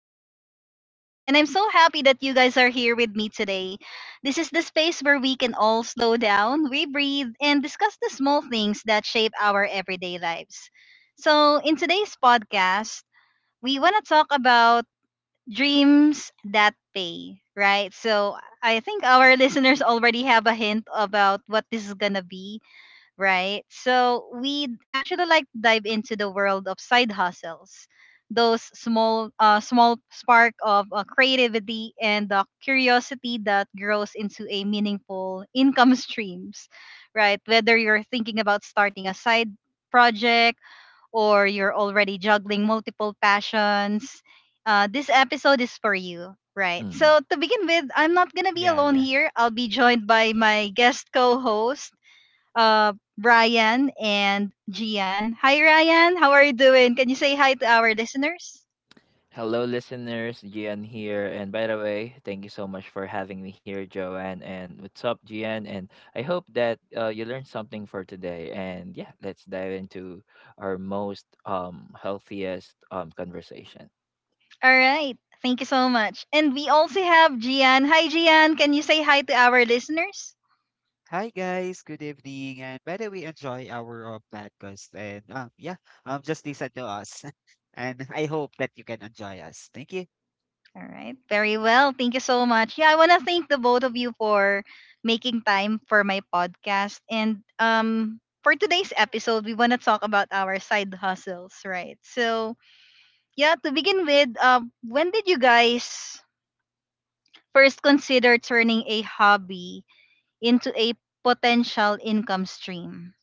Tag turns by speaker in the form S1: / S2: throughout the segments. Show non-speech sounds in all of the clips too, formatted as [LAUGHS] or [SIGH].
S1: I'm your host, Joanne, and I'm so happy that you guys are here with me today. This is the space where we can all slow down, we breathe, and discuss the small things that shape our everyday lives. So, in today's podcast, we want to talk about dreams that pay, right? So, I think our [LAUGHS] listeners already have a hint about what this is going to be right? So we actually like dive into the world of side hustles, those small spark of creativity and curiosity that grows into a meaningful [LAUGHS] income streams, right? Whether you're thinking about starting a side project or you're already juggling multiple passions, this episode is for you. Right.
S2: Mm.
S1: So to begin with, I'm not gonna be
S3: Yeah,
S1: alone
S3: yeah.
S1: here. I'll be joined by my guest co-host, Brian and Gian. Hi, Ryan. How are you doing? Can you say hi to our listeners?
S2: Hello, listeners. Gian here. And by the way, thank you so much for having me here, Joanne. And what's up, Gian? And I hope that you learned something for today. And yeah, let's dive into our most healthiest conversation.
S1: All right. Thank you so much. And we also have Gian. Hi, Gian. Can you say hi to our listeners?
S3: Hi guys, good evening. And by the way, enjoy our podcast. And yeah, just listen to us. [LAUGHS] And I hope that you can enjoy us. Thank you.
S1: All right. Very well. Thank you so much. Yeah, I want to thank the both of you for making time for my podcast. And for today's episode, we want to talk about our side hustles, right? So, yeah, to begin with, when did you guys first consider turning a hobby into a potential income stream.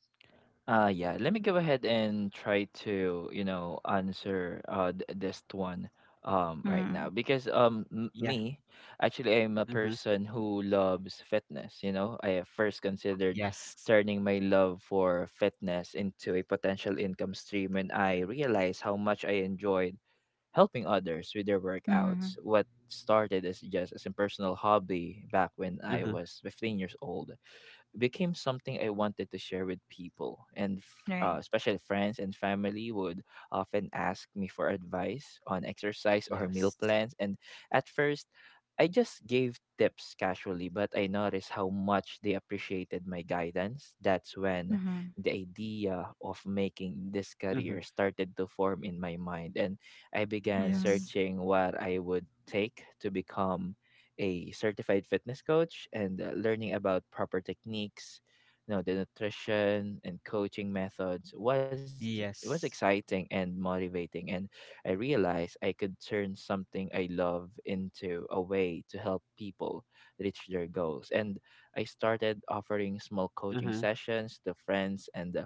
S2: Yeah, let me go ahead and try to, you know, answer this one right
S1: Mm-hmm.
S2: now because m-
S3: Yeah.
S2: me actually I'm a
S3: Uh-huh.
S2: person who loves fitness, you know. I have first considered
S3: Yes.
S2: turning my love for fitness into a potential income stream, and I realized how much I enjoyed helping others with their workouts.
S1: Mm-hmm.
S2: What started as just as a personal hobby back when I
S3: Uh-huh.
S2: was 15 years old became something I wanted to share with people, and
S1: Right.
S2: especially friends and family would often ask me for advice on exercise or meal
S3: Yes.
S2: plans. And at first, I just gave tips casually, but I noticed how much they appreciated my guidance. That's when
S1: Mm-hmm.
S2: the idea of making this
S3: Uh-huh.
S2: career started to form in my mind, and I began
S1: Mm-hmm.
S3: Yes.
S2: searching what I would take to become a certified fitness coach, and learning about proper techniques, you know, the nutrition and coaching methods was it was
S3: Yes.
S2: exciting and motivating, and I realized I could turn something I love into a way to help people reach their goals. And I started offering small coaching
S3: Uh-huh.
S2: sessions to friends and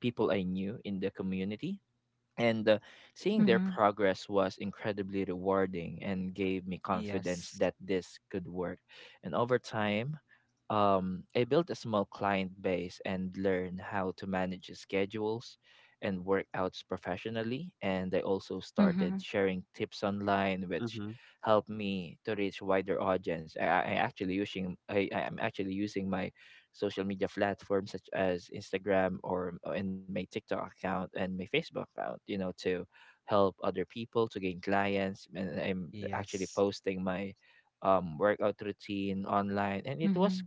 S2: people I knew in the community, and
S1: Mm-hmm.
S2: seeing their progress was incredibly rewarding and gave me confidence
S3: Yes.
S2: that this could work. And over time, I built a small client base and learned how to manage schedules and workouts professionally, and I also
S1: Mm-hmm.
S2: started sharing tips online, which
S3: Uh-huh.
S2: helped me to reach wider audience. I'm actually using my social media platforms such as Instagram or and my TikTok account and my Facebook account, you know, to help other people to gain clients. And I'm actually
S3: Yes.
S2: posting my workout routine online, and
S1: Mm-hmm.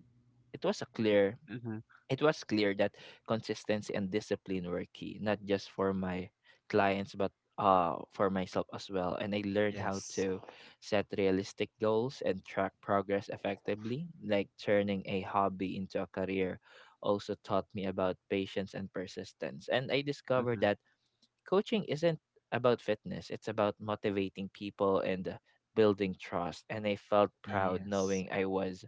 S2: it was a clear
S3: Uh-huh.
S2: it was clear that consistency and discipline were key, not just for my clients, but for myself as well. And I learned how
S3: Yes.
S2: to set realistic goals and track progress effectively, like turning a hobby into a career. Also taught me about patience and persistence. And I discovered
S3: Uh-huh.
S2: that coaching isn't about fitness, it's about motivating people and building trust. And I felt proud
S3: Yes.
S2: knowing I was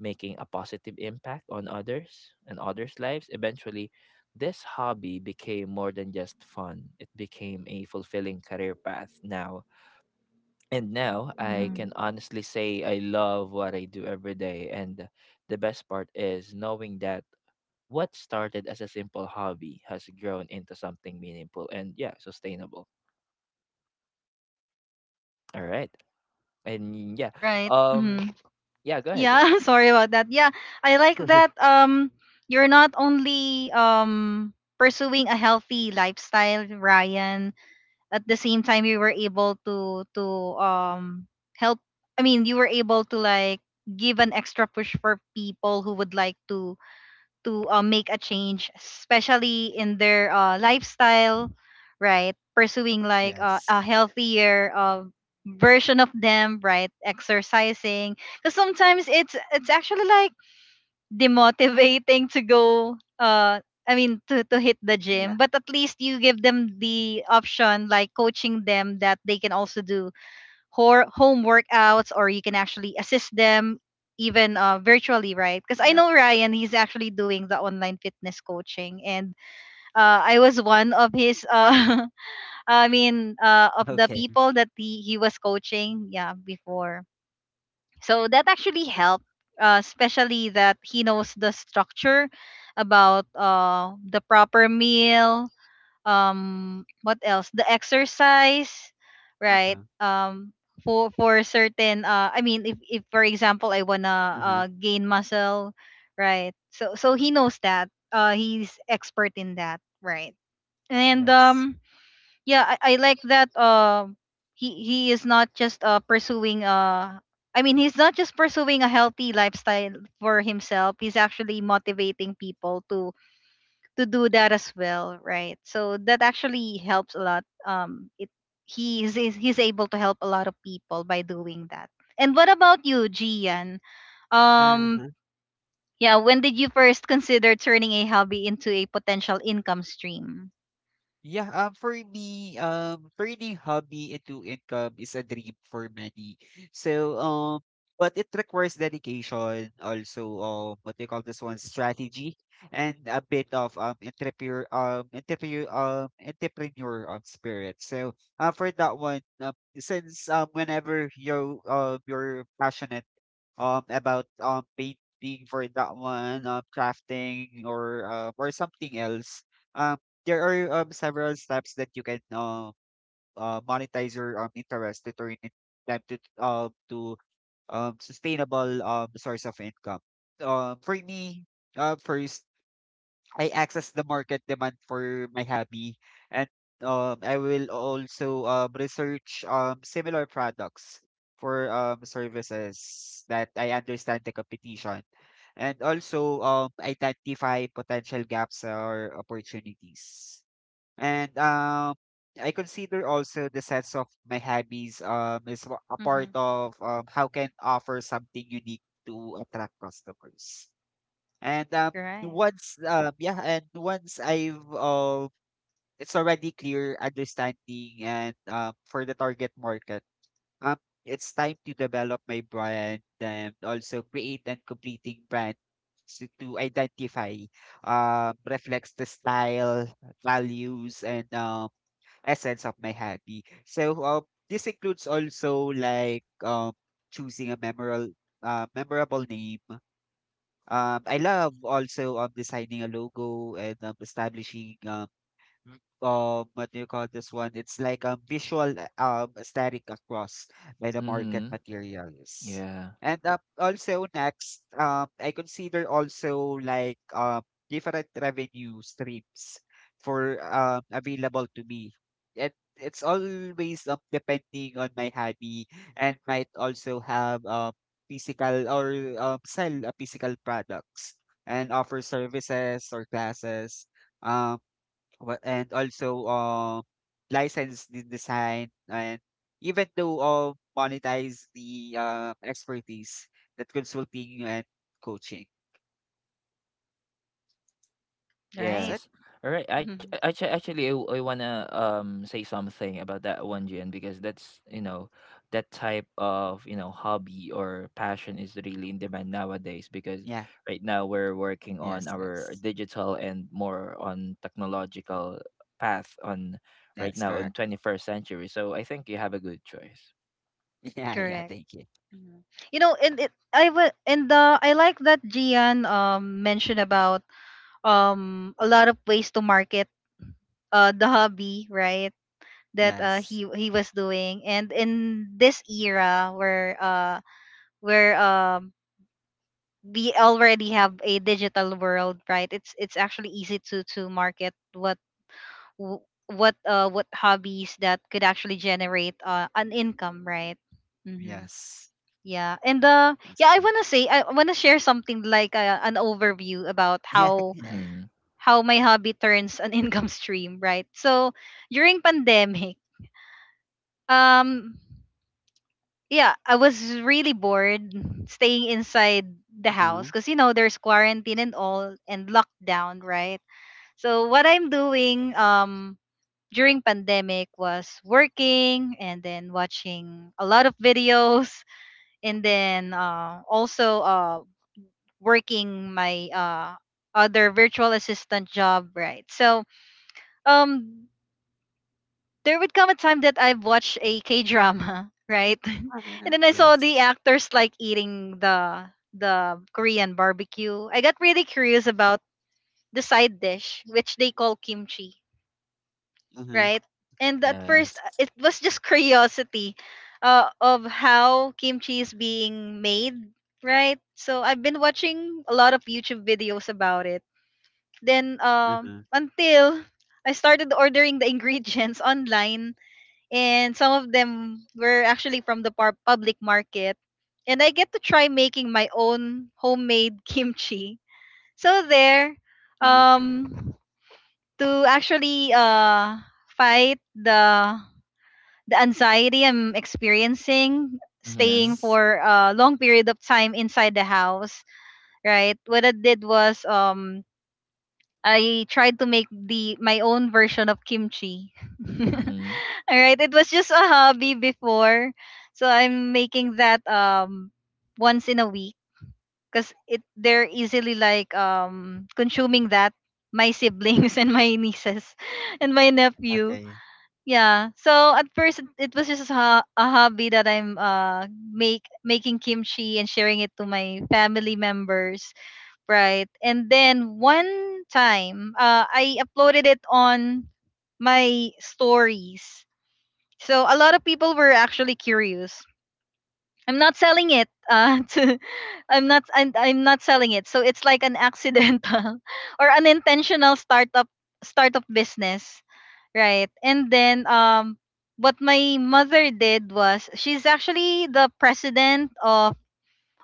S2: making a positive impact on others and others' lives. Eventually, this hobby became more than just fun, it became a fulfilling career path now. And now I
S1: Mm-hmm.
S2: can honestly say I love what I do every day. And the best part is knowing that what started as a simple hobby has grown into something meaningful and yeah, sustainable. Alright, and
S1: Right.
S2: um
S1: Mm-hmm.
S2: yeah, go ahead, Joy.
S1: Yeah. [LAUGHS] Sorry about that. Yeah, I like that.
S3: [LAUGHS]
S1: You're not only pursuing a healthy lifestyle, Ryan. At the same time, you were able to um help. I mean, you were able to like give an extra push for people who would like to make a change, especially in their lifestyle, right? Pursuing like
S3: Yes.
S1: a healthier version of them, right? Exercising, because sometimes it's actually like demotivating to go. I mean to hit the
S3: Yeah.
S1: gym, but at least you give them the option like coaching them that they can also do home workouts or you can actually assist them even virtually, right? Because I know
S3: Yes.
S1: Ryan, he's actually doing the online fitness coaching and I was one of his [LAUGHS] I mean, of the
S3: Okay.
S1: people that he was coaching, yeah, before. So that actually helped, especially that he knows the structure about the proper meal, what else, the exercise, right?
S3: Uh-huh.
S1: For certain, I mean, if for example I wanna
S3: Uh-huh.
S1: gain muscle, right? So so he knows that, he's expert in that, right? And
S3: Yes.
S1: yeah, I like that. He is not just pursuing I mean, he's not just pursuing a healthy lifestyle for himself. He's actually motivating people to do that as well, right? So that actually helps a lot. It he's is he's able to help a lot of people by doing that. And what about you, Gian? Um,
S3: Uh-huh.
S1: yeah, when did you first consider turning a hobby into a potential income stream?
S3: Yeah, for me, turning hobby into income is a dream for many. So, but it requires dedication, also, what they call this one, strategy, and a bit of entrepreneur spirit. So, for that one, since whenever you're passionate about painting for that one, crafting or something else. Um, there are several steps that you can monetize your interest to turn it them to sustainable source of income. For me, first I access the market demand for my hobby, and I will also research similar products for services that I understand the competition, and also identify potential gaps or opportunities. And I consider also the sense of my hobbies is a part
S1: Mm-hmm.
S3: of how can offer something unique to attract customers. And um,
S1: Right.
S3: once um, yeah, and once I've it's already clear understanding and for the target market. Um, it's time to develop my brand and also create and completing brand to identify reflects the style, values, and essence of my hobby. So this includes also like choosing a memorable name, I love also designing a logo and establishing what do you call this one? It's like a visual aesthetic across by the market
S2: Mm-hmm.
S3: materials.
S2: Yeah.
S3: And also next, I consider also like different revenue streams for available to me. It's always depending on my hobby and might also have physical or sell physical products and offer services or classes. Um Wha and also, license the design and even though, monetize the expertise that consulting and coaching. That's
S1: Right.
S3: it.
S2: Yes. All right.
S1: Mm-hmm.
S2: Actually, I wanna say something about that one, Jen, because that's, you know, that type of, you know, hobby or passion is really in demand nowadays. Because
S3: Yeah.
S2: right now we're working on
S3: Yes,
S2: our
S3: yes.
S2: digital and more on technological path on right
S3: That's
S2: now in
S3: correct.
S2: 21st century. So I think you have a good choice.
S3: [LAUGHS] Yeah, yeah.
S1: Correct.
S3: Thank you.
S1: Mm-hmm. You know, and it I will, and I like that Gian mentioned about a lot of ways to market the hobby, right? That
S3: Yes.
S1: he was doing. And in this era where we already have a digital world, right? It's actually easy to market what w- what hobbies that could actually generate an income, right? Mm-hmm.
S3: Yes.
S1: Yeah. And
S3: That's
S1: yeah, I
S3: good.
S1: want to say, I want to share something like an overview about
S3: Yeah, [LAUGHS] yeah. Yeah.
S2: Mm-hmm.
S1: how my hobby turns an [LAUGHS] income stream, right? So during pandemic, um yeah, I was really bored staying inside the house
S3: Uh-huh.
S1: because you know there's quarantine and all and lockdown, right? So what I'm doing during pandemic was working and then watching a lot of videos [LAUGHS] and then also working my other virtual assistant job, right? So um there would come a time that I've watched a K drama, [LAUGHS] right? [LAUGHS] And
S3: Uh-huh.
S1: then
S3: [LAUGHS]
S1: I saw
S3: Yes.
S1: the actors like eating the Korean barbecue. I got really curious about the side dish, which they call kimchi,
S3: Uh-huh.
S1: right? And at first,
S3: Yes.
S2: Yes.
S1: it was just [LAUGHS] curiosity of how kimchi is being made, right? So I've been watching a lot of YouTube videos about it. Then
S3: Uh-huh.
S1: until I started ordering the ingredients [LAUGHS] online, and some of them were actually from the public market. And I get to try making my own homemade [LAUGHS] kimchi. So there,
S3: Uh-huh.
S1: um, to actually fight the anxiety I'm experiencing
S2: Mm-hmm.
S1: staying
S3: Yes.
S1: for a long period of time inside the house, right? What I did was, I tried to make the my own version of kimchi. [LAUGHS]
S2: Mm-hmm.
S1: All right, it was just a hobby before, so I'm making that once in a week, because it they're easily like consuming that, my [LAUGHS] siblings and my nieces [LAUGHS] and my nephew.
S3: Okay.
S1: Yeah, so at first it was just a a hobby that I'm make making kimchi and sharing it to my family members. Right. And then one time, I uploaded it on my stories. So a lot of people were actually curious. I'm not selling it. [LAUGHS] To, I'm not. I'm not selling it. So it's like an accidental [LAUGHS] or unintentional startup business, right? And then what my mother did was, she's actually the president of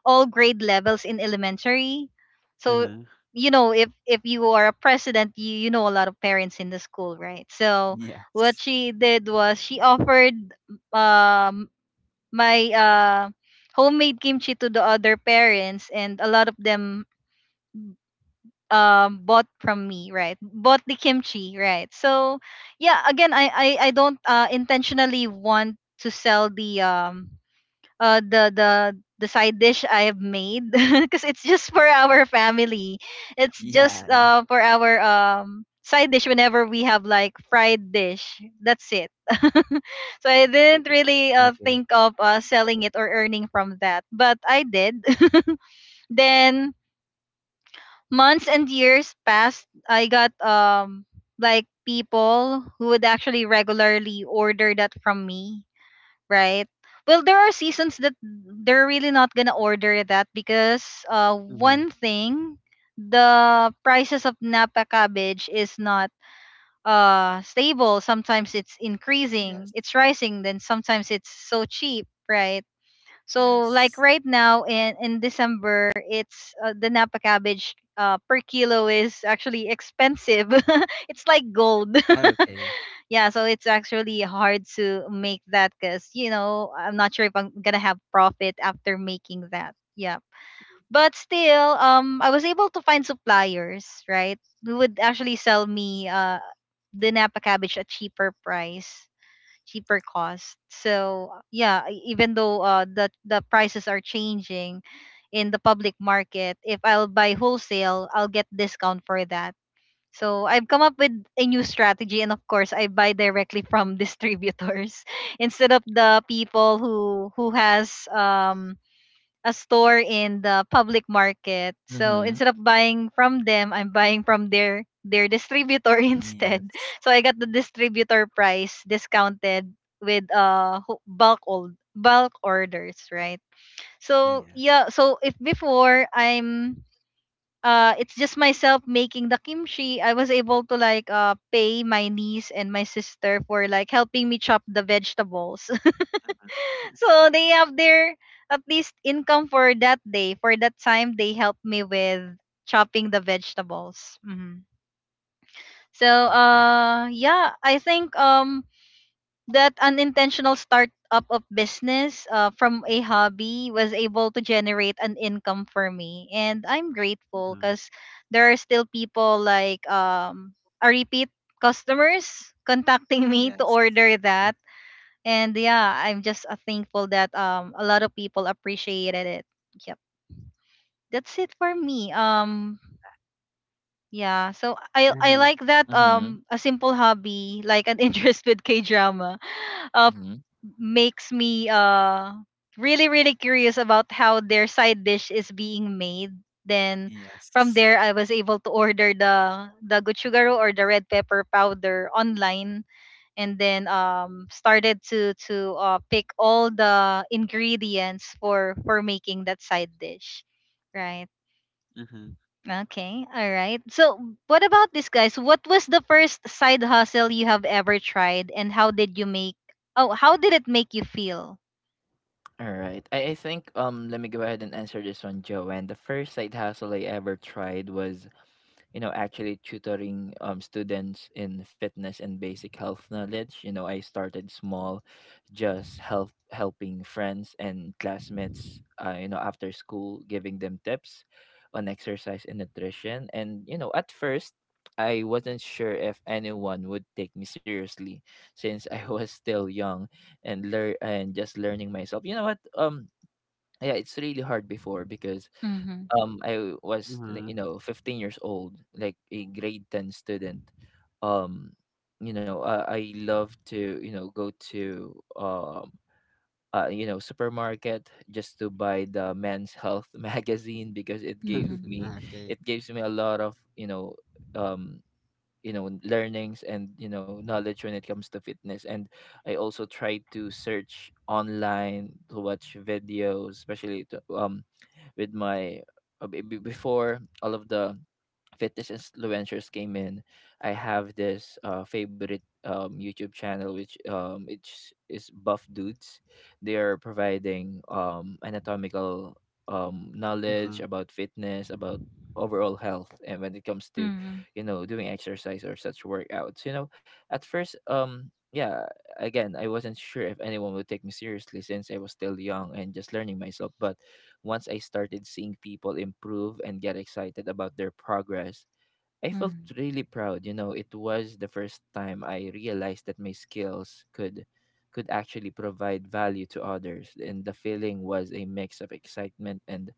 S1: all grade levels in elementary. So
S3: Uh-huh.
S1: you know, if you are a president, you know a lot of parents in the school, right? So what
S3: Yes.
S1: she did was, she offered um my homemade kimchi to the other parents, and a lot of them bought from me, right? Bought the kimchi, right? So yeah, again, I don't intentionally want to sell the uh the the the side dish I have made [LAUGHS] because it's just for our family. It's just
S3: Yeah, yeah.
S1: for our side dish whenever we have like fried dish. That's it. [LAUGHS] So I didn't
S3: [LAUGHS]
S1: really
S3: Okay.
S1: think of selling it or earning from that, but I did. [LAUGHS] Then months and years passed. I got like people who would actually regularly order that from me, right? Well, there are seasons that they're really not gonna order that, because
S3: Uh-huh.
S1: one thing, the prices of Napa cabbage is not stable. Sometimes it's increasing,
S3: Yes.
S1: it's rising, then sometimes it's so cheap, right? So like
S3: Yes.
S1: right now in December, it's the Napa cabbage per kilo is actually expensive. [LAUGHS] It's like gold.
S3: Okay.
S1: Yeah, so it's actually hard to make that, because you know, I'm not sure if I'm gonna have profit after making that. Yeah, but still, I was able to find suppliers, right, who would actually sell me the Napa cabbage at cheaper price, cheaper cost. So yeah, even though the prices are changing in the public market, if I'll buy wholesale, I'll get discount for that. So I've come up with a new strategy, and of course, I buy directly from distributors [LAUGHS] instead of the people who has a store in the public market. So
S2: Mhm,
S1: instead of buying from them, I'm buying from their distributor [LAUGHS] instead.
S3: Yes.
S1: So I got the distributor price discounted with bulk orders, right? So
S3: Yes.
S1: yeah, so if before I'm it's just myself making the kimchi, I was able to like pay my niece and my sister for like helping me chop the vegetables. [LAUGHS]
S3: Uh-huh.
S1: So they have their at least income for that day, for that time they helped me with chopping the vegetables. Hmm. So
S3: Okay.
S1: yeah, I think that unintentional startup of business, from a hobby, was able to generate an income for me, and I'm grateful
S3: Mm-hmm.
S1: because there are still people like a repeat customers contacting [LAUGHS] me to
S3: Yes.
S1: order that. And yeah, I'm just thankful that a lot of people appreciated it. Yep, that's it for me. Yeah, so I,
S3: Mm-hmm.
S1: like that
S2: mhm,
S1: a simple hobby like an [LAUGHS] interest with K drama
S2: mhm.
S1: makes me really really curious about how their side dish is being made. Then from
S3: Yes.
S1: there, I was able to order the gochugaro or the red pepper powder online, and then started to pick all the ingredients for making that side dish, right?
S3: Mm-hmm.
S1: Okay, all right. So what about this, guys? What was the first side hustle you have ever tried, and how did you make, oh, how did it make you feel?
S2: Alright. I think, let me go ahead and answer this one, Joe. And the first side hustle I ever tried was, you know, actually tutoring students in fitness and basic health knowledge. You know, I started small, just help helping friends and classmates you know, after school, giving them tips on exercise and nutrition. And you know, at first I wasn't sure if anyone would take me seriously since I [LAUGHS] was still young and just learning myself. You know what, yeah it's really hard before because
S1: Mhm.
S2: I was
S3: Mm-hmm.
S2: like, you know, 15 years old, like a grade 10 student. um you know, I love to, you know, go to you know, supermarket just to buy the men's health [LAUGHS] magazine because it gave me
S3: [LAUGHS]
S1: Mhm.
S3: Okay.
S2: it gives me a lot of, you know, um you know, learnings and you know knowledge when it comes to fitness. And I also try to search online to watch videos, especially to, with my before all of the fitness influencers came in. I have this favorite youtube channel which it's is Buff Dudes. They are providing anatomical
S3: Mm-hmm.
S2: knowledge about fitness, about overall health, and when it comes to,
S1: Mhm.
S2: you know, doing exercise or such workouts, you know. At first, yeah, again, I wasn't sure if anyone would take me seriously since I was still young and just learning myself. But once I started seeing people improve and get excited about their progress, I felt
S1: Mhm.
S2: really proud. You know, it was the first time I realized that my skills could actually provide value to others. And the feeling was a mix of excitement and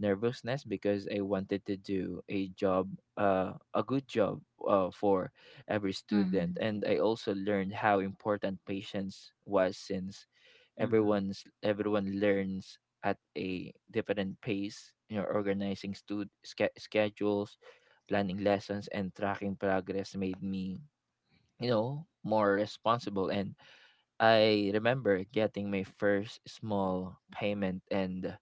S2: nervousness because I wanted to do a job, a good job for every student.
S1: Mhm.
S2: And I also learned how important patience was, since
S3: Mm-hmm.
S2: everyone learns at a different pace. You know, organizing schedules, planning lessons, and tracking progress made me, you know, more responsible. And I remember getting my first small payment,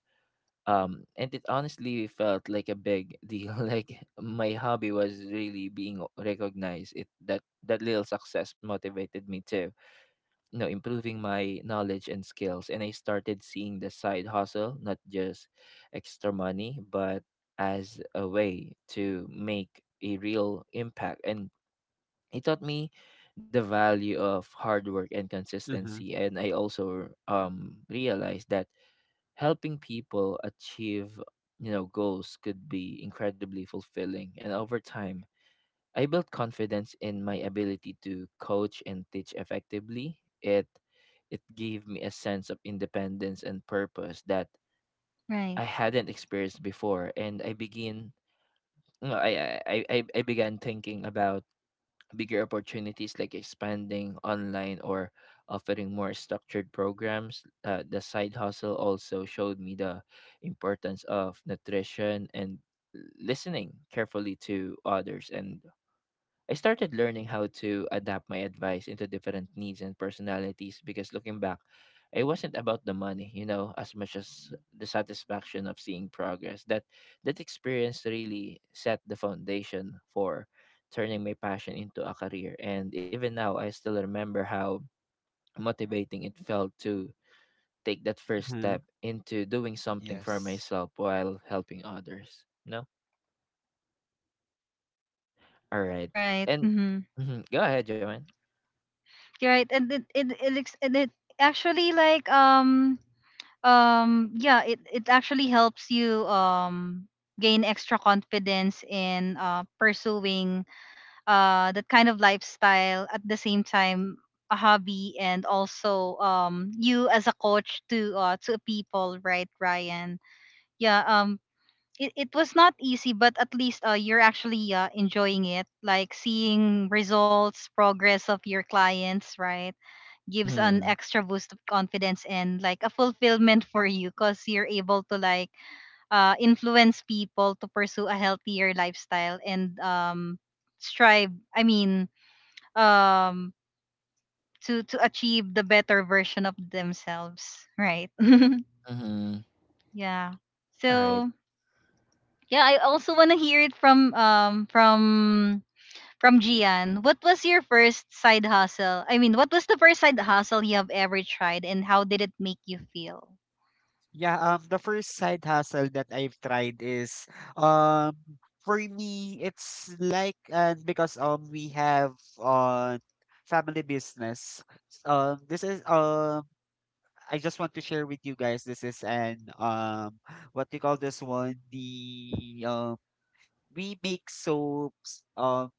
S2: and it honestly felt like a big deal, [LAUGHS] like my hobby was really being recognized. It that That little success motivated me too, you know, improving my knowledge and skills. And I started seeing the side hustle not just extra money, but as a way to make a real impact. And it taught me the value of hard work and
S3: Mm-hmm.
S2: consistency. And I also realized that helping people achieve, you know, goals could be incredibly fulfilling. And over time, I built confidence in my ability to coach and teach effectively. It gave me a sense of independence and purpose that
S1: Right.
S2: I hadn't experienced before, and I begin no, I began thinking about bigger opportunities, like expanding online or offering more structured programs. The side hustle also showed me the importance of nutrition and listening carefully to others. And I started learning how to adapt my advice into different needs and personalities. Because looking back, it wasn't about the money, you know, as much as the satisfaction of seeing progress. That experience really set the foundation for turning my passion into a career. And even now I still remember how motivating it felt to take that first
S3: Mm-hmm.
S2: step into doing something for
S3: Yes.
S2: myself while helping others. No? All right.
S1: Right.
S2: And
S1: Mhm.
S2: mhm, go ahead, Joanne.
S1: Right. And it actually, like, yeah it actually helps you gain extra confidence in pursuing that kind of lifestyle. At the same time, a hobby and also, you as a coach to people, right, Ryan? Yeah. It was not easy, but at least, you're actually, enjoying it, like seeing results, progress of your clients, right? Gives
S2: Mm-hmm.
S1: an extra boost of confidence and like a fulfillment for you, because you're able to, like, influence people to pursue a healthier lifestyle and strive, i mean um to achieve the better version of themselves, right?
S2: Mm-hmm.
S1: [LAUGHS] Yeah.
S2: All right.
S1: So yeah, I also want to hear it from Gian. What was your first side hustle? I mean, what was the first side hustle you have ever tried, and how did it make you feel?
S3: Yeah, the first side hustle that I've tried is um for me it's like and because we have on family business. This is I just want to share with you guys. This is an what do you call this one? The We make soaps,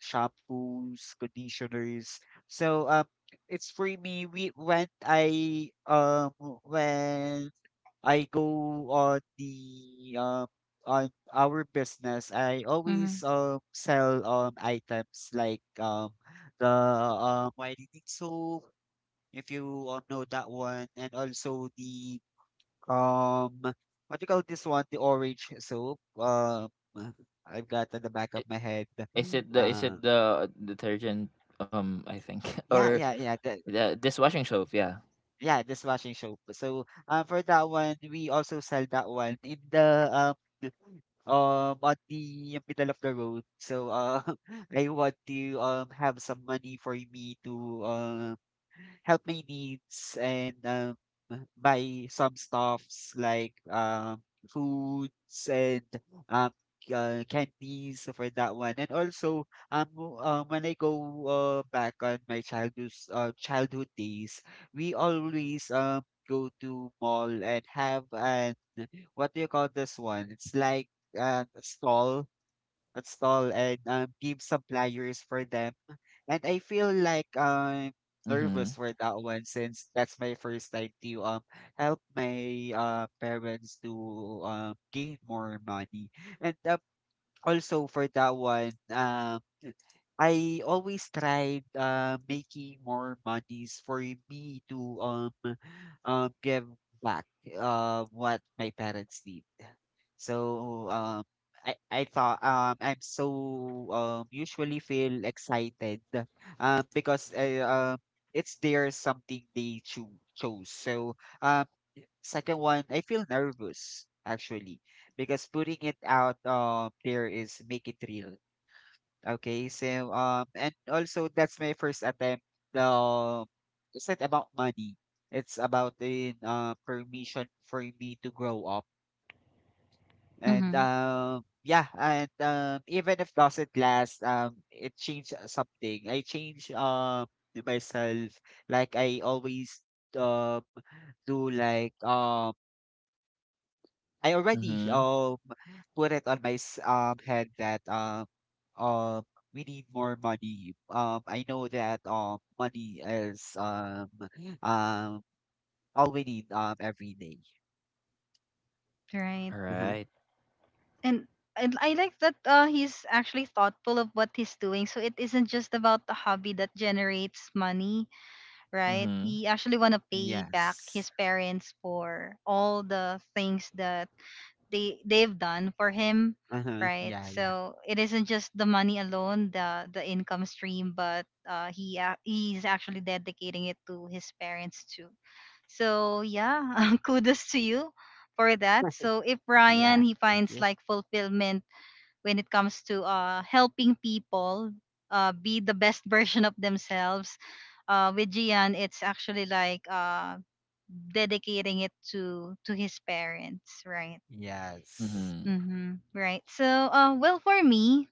S3: shampoos, conditioners. So it's for me. We when I go um on our business, I
S1: Mm-hmm.
S3: always sell items like the whitening soap if you all know that one, and also the um, what do you call this one? The orange soup. I've got at the back of
S2: I-
S3: my head.
S2: Is it
S3: Uh,
S2: the detergent? I think, [LAUGHS]
S3: yeah,
S2: or
S3: yeah, yeah. The,
S2: the dishwashing soap. Yeah.
S3: yeah, the washing soap. So, for that one, we also sell that one in the on the middle of the road. So, [LAUGHS] I want to have some money for me to help my needs and buy some stuffs like foods and um, candies for that one. And also, when I go back on my childhood days, we always go to mall and have an what do you call this one? It's like uh, a stall, a stall, and give some pliers for them, and I feel like I'm
S2: Mm-hmm.
S3: nervous for that one since that's my first time to help my parents to gain more money. And also for that one, I always tried making more monies for me to give back what my parents need. So, I thought I'm so usually feel excited because it's their something they chose. So second one I feel nervous actually because putting it out there is make it real. Okay, so and also that's my first attempt. The It's not about money. It's about the permission for me to grow up, and
S1: Mm-hmm.
S3: yeah, and even if doesn't last, it changed something. I change myself. Like I always um do like I already
S2: Mm-hmm.
S3: put it on my head that um we need more money. I know that money is um all we need every day.
S2: All
S1: Right.
S3: Uh-huh.
S2: right.
S1: And and I like that, he's actually thoughtful of what he's doing. So it isn't just about the hobby that generates money, right?
S2: Mm-hmm.
S1: He actually want to pay back his
S3: Yes.
S1: parents for all the things that they've done for him,
S3: Uh-huh.
S1: right?
S3: Yeah, yeah.
S1: So it isn't just the money alone, the income stream, but he's actually dedicating it to his parents too. So yeah, [LAUGHS] kudos to you for that. So if
S3: [LAUGHS]
S1: Ryan,
S3: Yeah.
S1: he
S3: Thank
S1: finds
S3: you.
S1: like fulfillment when it comes to helping people, be the best [LAUGHS] version of themselves, with Gian, it's actually like, dedicating it to his parents, right?
S3: Yes.
S2: Mm-hmm.
S1: Mm-hmm. Right. So, well, for me,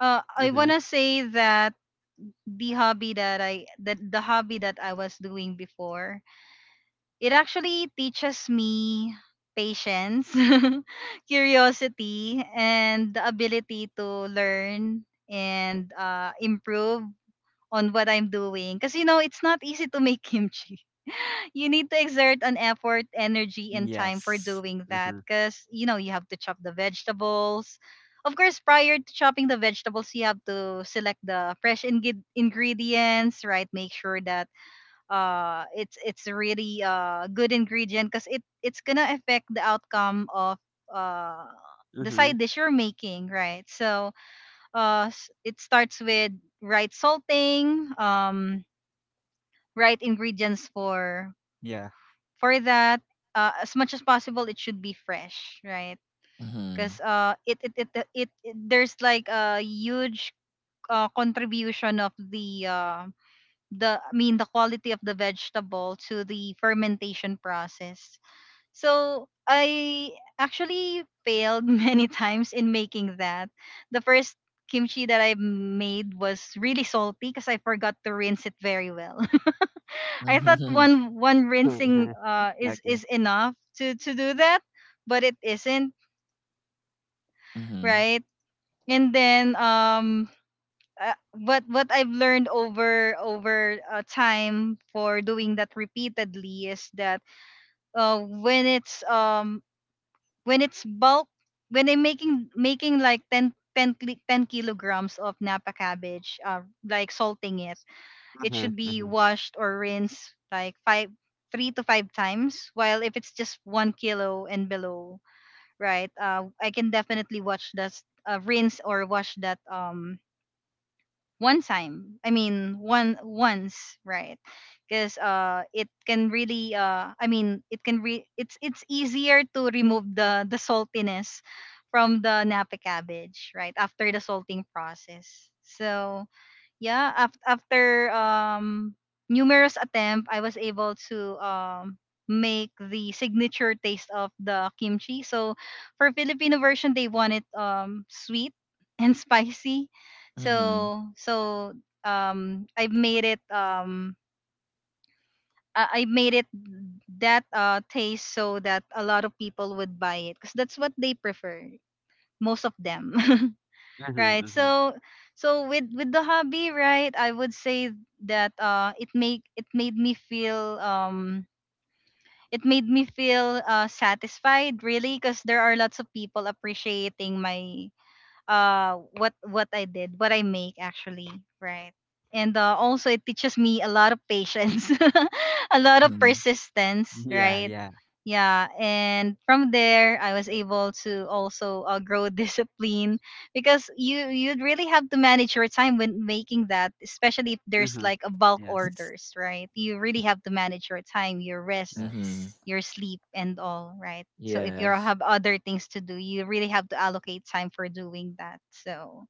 S1: I
S3: Mm-hmm.
S1: wanna say that the hobby that I was doing before, it actually teaches me patience, [LAUGHS] curiosity, and the ability to learn and, improve on what I'm doing. Cause you know, it's not easy to make kimchi. You need to exert an effort, energy, and time for
S3: Yes.
S1: doing that,
S3: Mm-hmm.
S1: because you know, you have to chop the vegetables. Of course, prior to chopping the vegetables, you have to select the fresh ingredients, right? Make sure that it's really good ingredient, because it's gonna affect the outcome of uh the
S3: Mm-hmm.
S1: side dish you're making, right? So it starts with right salting, right ingredients for
S3: Yeah.
S1: that, as much as possible it should be fresh, right?
S2: Mm-hmm.
S1: Because there's like a huge, contribution of the, the quality of the vegetable to the fermentation process. So I actually failed [LAUGHS] many times in making that. The first kimchi that I made was really salty because I forgot to rinse it very well. I thought
S2: Mm-hmm. [LAUGHS]
S1: one
S3: Mm-hmm.
S1: rinsing is
S3: Okay.
S1: enough to do that, but it isn't,
S2: Mm-hmm.
S1: right? And then what I've learned over time for doing that repeatedly is that uh when it's um when it's bulk, when I'm making like 10 kilograms of napa cabbage, like salting it, it
S3: Mm-hmm.
S1: should be
S3: Mm-hmm.
S1: washed or rinsed like five three to five times, while if it's just 1 kilo and below, right, I can definitely watch that, rinse or wash that one time, one once, right? Because it can really it can it's easier to remove the saltiness from the napa cabbage right after the salting process. So yeah, after numerous attempt, I was able to make the signature taste of the kimchi. So for Filipino version, they want it sweet and [LAUGHS] spicy.
S2: Mm-hmm.
S1: So so um i made it. I made it that taste so that a lot of people would buy it, because that's what they prefer, most of them. [LAUGHS] Right.
S3: Mm-hmm.
S1: So with the hobby, right, I would say that it made me feel it made me feel satisfied, really, because there are lots of people appreciating my, what I did, what I make, actually, right? And also, it teaches me a lot of patience, [LAUGHS] a lot of
S2: Mm-hmm.
S1: persistence,
S3: Mm-hmm. Yeah,
S1: right?
S3: yeah.
S1: Yeah, and from there I was able to also, grow [LAUGHS] discipline, because you really have to manage your time when making that, especially if there's
S3: Mm-hmm.
S1: like a bulk
S3: Yes.
S1: orders, right? You really have to manage your time, your rest,
S2: Mm-hmm.
S3: Yes.
S1: your sleep, and all, right? So if you
S2: Yes.
S1: have other things to do, you really have to allocate time for doing that. So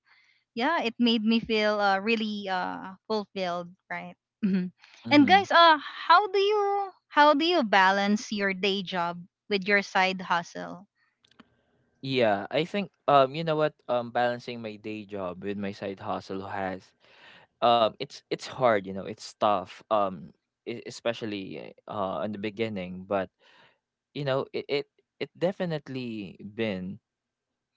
S1: yeah, it made me feel, really, fulfilled, right? Mhm. And
S2: Mm-hmm.
S1: guys, how do you balance your day job with your side hustle?
S2: Yeah, I think you know what, balancing my day job with my side hustle has it's hard. You know, it's tough, especially in the beginning. But you know, it definitely been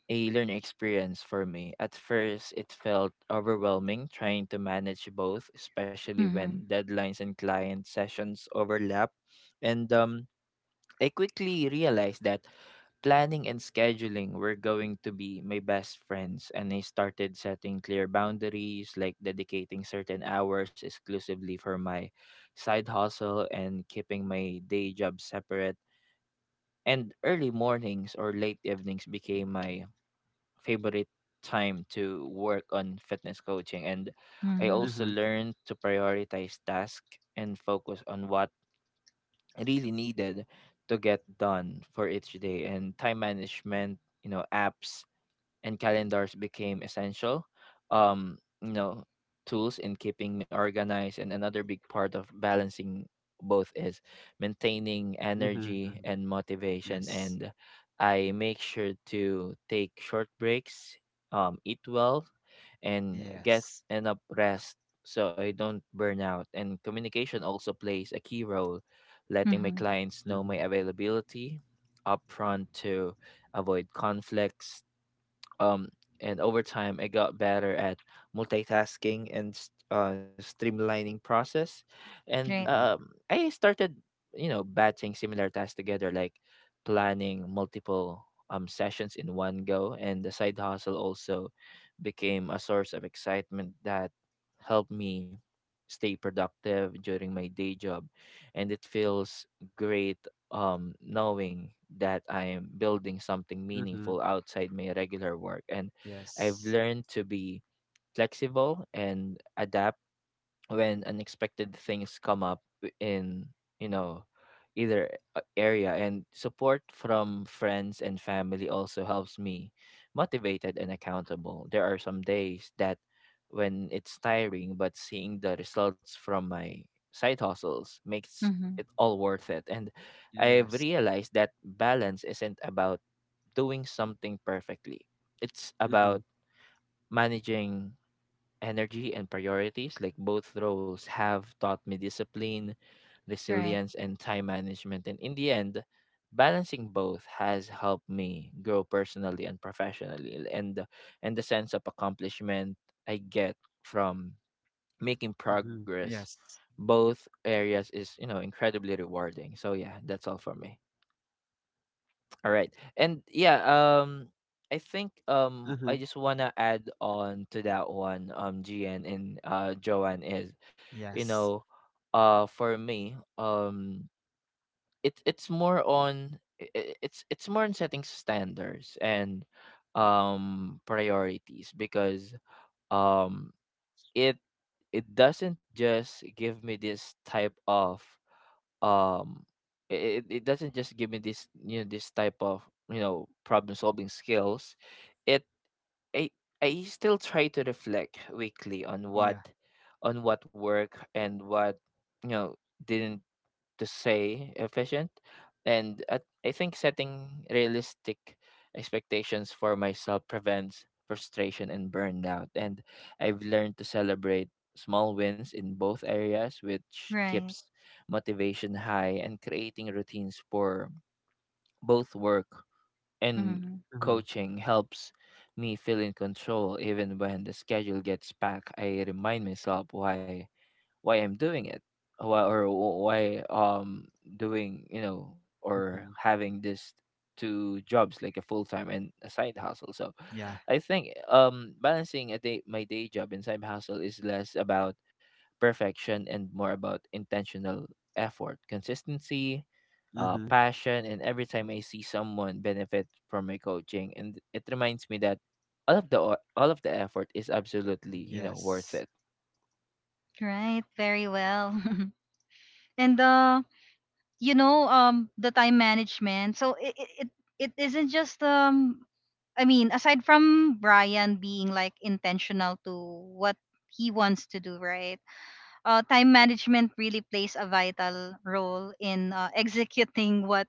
S2: a learning experience for me. At first, it felt overwhelming trying to manage both, especially when
S1: Mm-hmm.
S2: deadlines and client sessions overlap. And I quickly realized that planning and scheduling were going to be my best friends. And I started setting clear boundaries, like dedicating certain hours exclusively for my side hustle and keeping my day job separate. And early mornings or late evenings became my favorite time to work on fitness coaching. And I
S1: Mm-hmm.
S2: also
S3: Mm-hmm.
S2: learned to prioritize tasks and focus on what really needed to get done for each day. And time management, you know, apps and calendars became essential you know, tools in keeping me organized. And another big part of balancing both is maintaining
S3: Mm-hmm.
S2: energy
S3: Mm-hmm.
S2: and motivation.
S3: Yes.
S2: And I make sure to take short breaks, eat well, and get
S3: Yes.
S2: enough rest so I don't burn out. And communication also plays a key role, letting my
S1: Mm-hmm.
S2: clients know my
S3: Mm-hmm.
S2: availability upfront to avoid conflicts. um and over time, I got better at multitasking and streamlining process. And
S1: Right.
S3: Mm-hmm.
S2: I started, you know, batching similar tasks together, like planning multiple sessions in one go. And the side hustle also became a source of excitement that helped me stay productive during my day job. And it feels great, knowing that I am building something
S3: Mm-hmm.
S2: meaningful outside my regular work. And I've
S3: Yes.
S2: learned to be flexible and adapt when unexpected things come up in you know either area and support from friends and family also helps me motivated and accountable. There are some days that when it's tiring, but seeing the results from my side hustles makes it
S1: Mm-hmm.
S2: all worth it. And I've
S3: Yes.
S2: realized that balance isn't about doing something perfectly. It's
S3: Mm-hmm.
S2: about managing energy and priorities, like both roles have taught me discipline,
S1: Right.
S2: resilience, and time management. And in the end, balancing both has helped me grow personally and professionally. And and the sense of accomplishment I get from making
S3: Mm-hmm.
S2: progress
S3: Yes.
S2: both areas is incredibly rewarding. So yeah, that's all for me. All right. And yeah, I think I
S3: Mm-hmm.
S2: just wanna add on to that one, GN and Joanne is, you
S3: Yes.
S2: know, for me, it's more on it's more on setting standards and priorities. Because um it it doesn't just give me this type of um it doesn't just give me this this type of problem solving skills. It i I still try to reflect weekly
S3: Yeah.
S2: on what worked and what you know didn't, to say efficient. I think setting realistic expectations for myself prevents frustration and burnout. And I've learned to celebrate small wins in both areas, which
S1: Right.
S2: keeps motivation high. And creating routines for both work and
S1: Mm-hmm.
S3: Mm-hmm.
S2: coaching helps me feel in control. Even when the schedule gets packed, I remind myself why I'm doing it, why or why doing, or
S3: Mm-hmm.
S2: having this two jobs, like a full time and a side hustle. So
S3: Yeah.
S2: I think balancing a day my day job and side hustle is less about perfection and more about intentional effort, consistency,
S3: Mm-hmm.
S2: passion. And every time I see someone benefit from my coaching, and it reminds me that all of the effort is absolutely worth it.
S3: Yes.
S1: Right. Very well. [LAUGHS] And, you know, the time management. So it isn't just I mean, aside from Brian being like intentional to what he wants to do, right, time management really plays a vital role in, [LAUGHS] executing what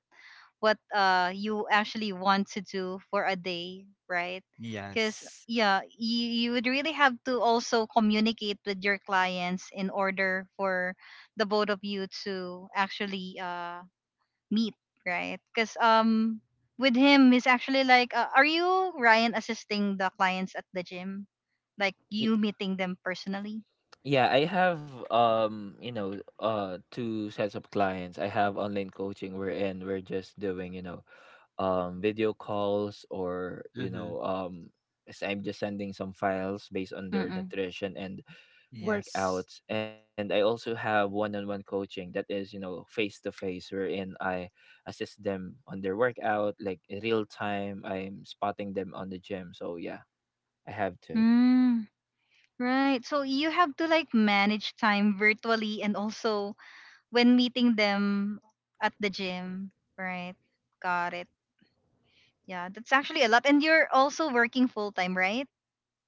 S1: you actually want to do for a day, right? Because
S3: Yes.
S1: yeah, you would really have to also communicate with your clients in order for the both of you to actually meet, right? Because with him, he's actually like, are you Ryan assisting the clients at the gym, like you meeting them personally?
S2: Yeah, I have two sets of clients. I have online coaching wherein we're just doing, video calls or,
S3: Mm-hmm.
S2: I'm just sending some files based on their
S1: Mm-mm.
S2: nutrition and
S3: Yes.
S2: workouts. And I also have one-on-one coaching that is, face to face, wherein I assist them on their workout, like in real time. I'm spotting them on the gym. So yeah, I have two.
S1: Mm, right. So you have to, like, manage time virtually, and also when meeting them at the gym, right? Got it. Yeah, that's actually a lot. And you're also working full time, right?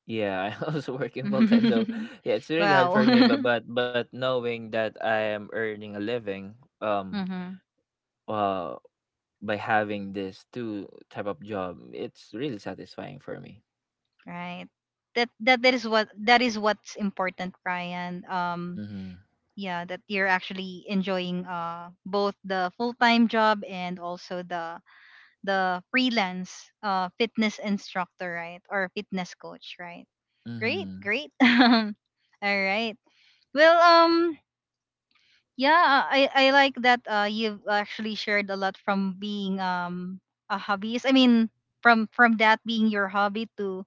S2: Yeah, [LAUGHS] I also working full time, so
S1: [LAUGHS]
S2: yeah, it's really hard
S1: Wow.
S2: for me. But
S1: [LAUGHS]
S2: knowing that I am earning a living, um,
S1: Mm-hmm.
S2: uh, by having this two type of job, it's really satisfying for me.
S1: Right, that is what's important, Ryan.
S2: Mm-hmm.
S1: Yeah, that you're actually enjoying both the full-time job and also the freelance fitness instructor, right? Or fitness coach, right? Great,
S2: Mm-hmm.
S1: great. [LAUGHS] All right. Well, yeah, I like that, you've actually shared a lot from being, a hobbyist, I mean, from that being your hobby to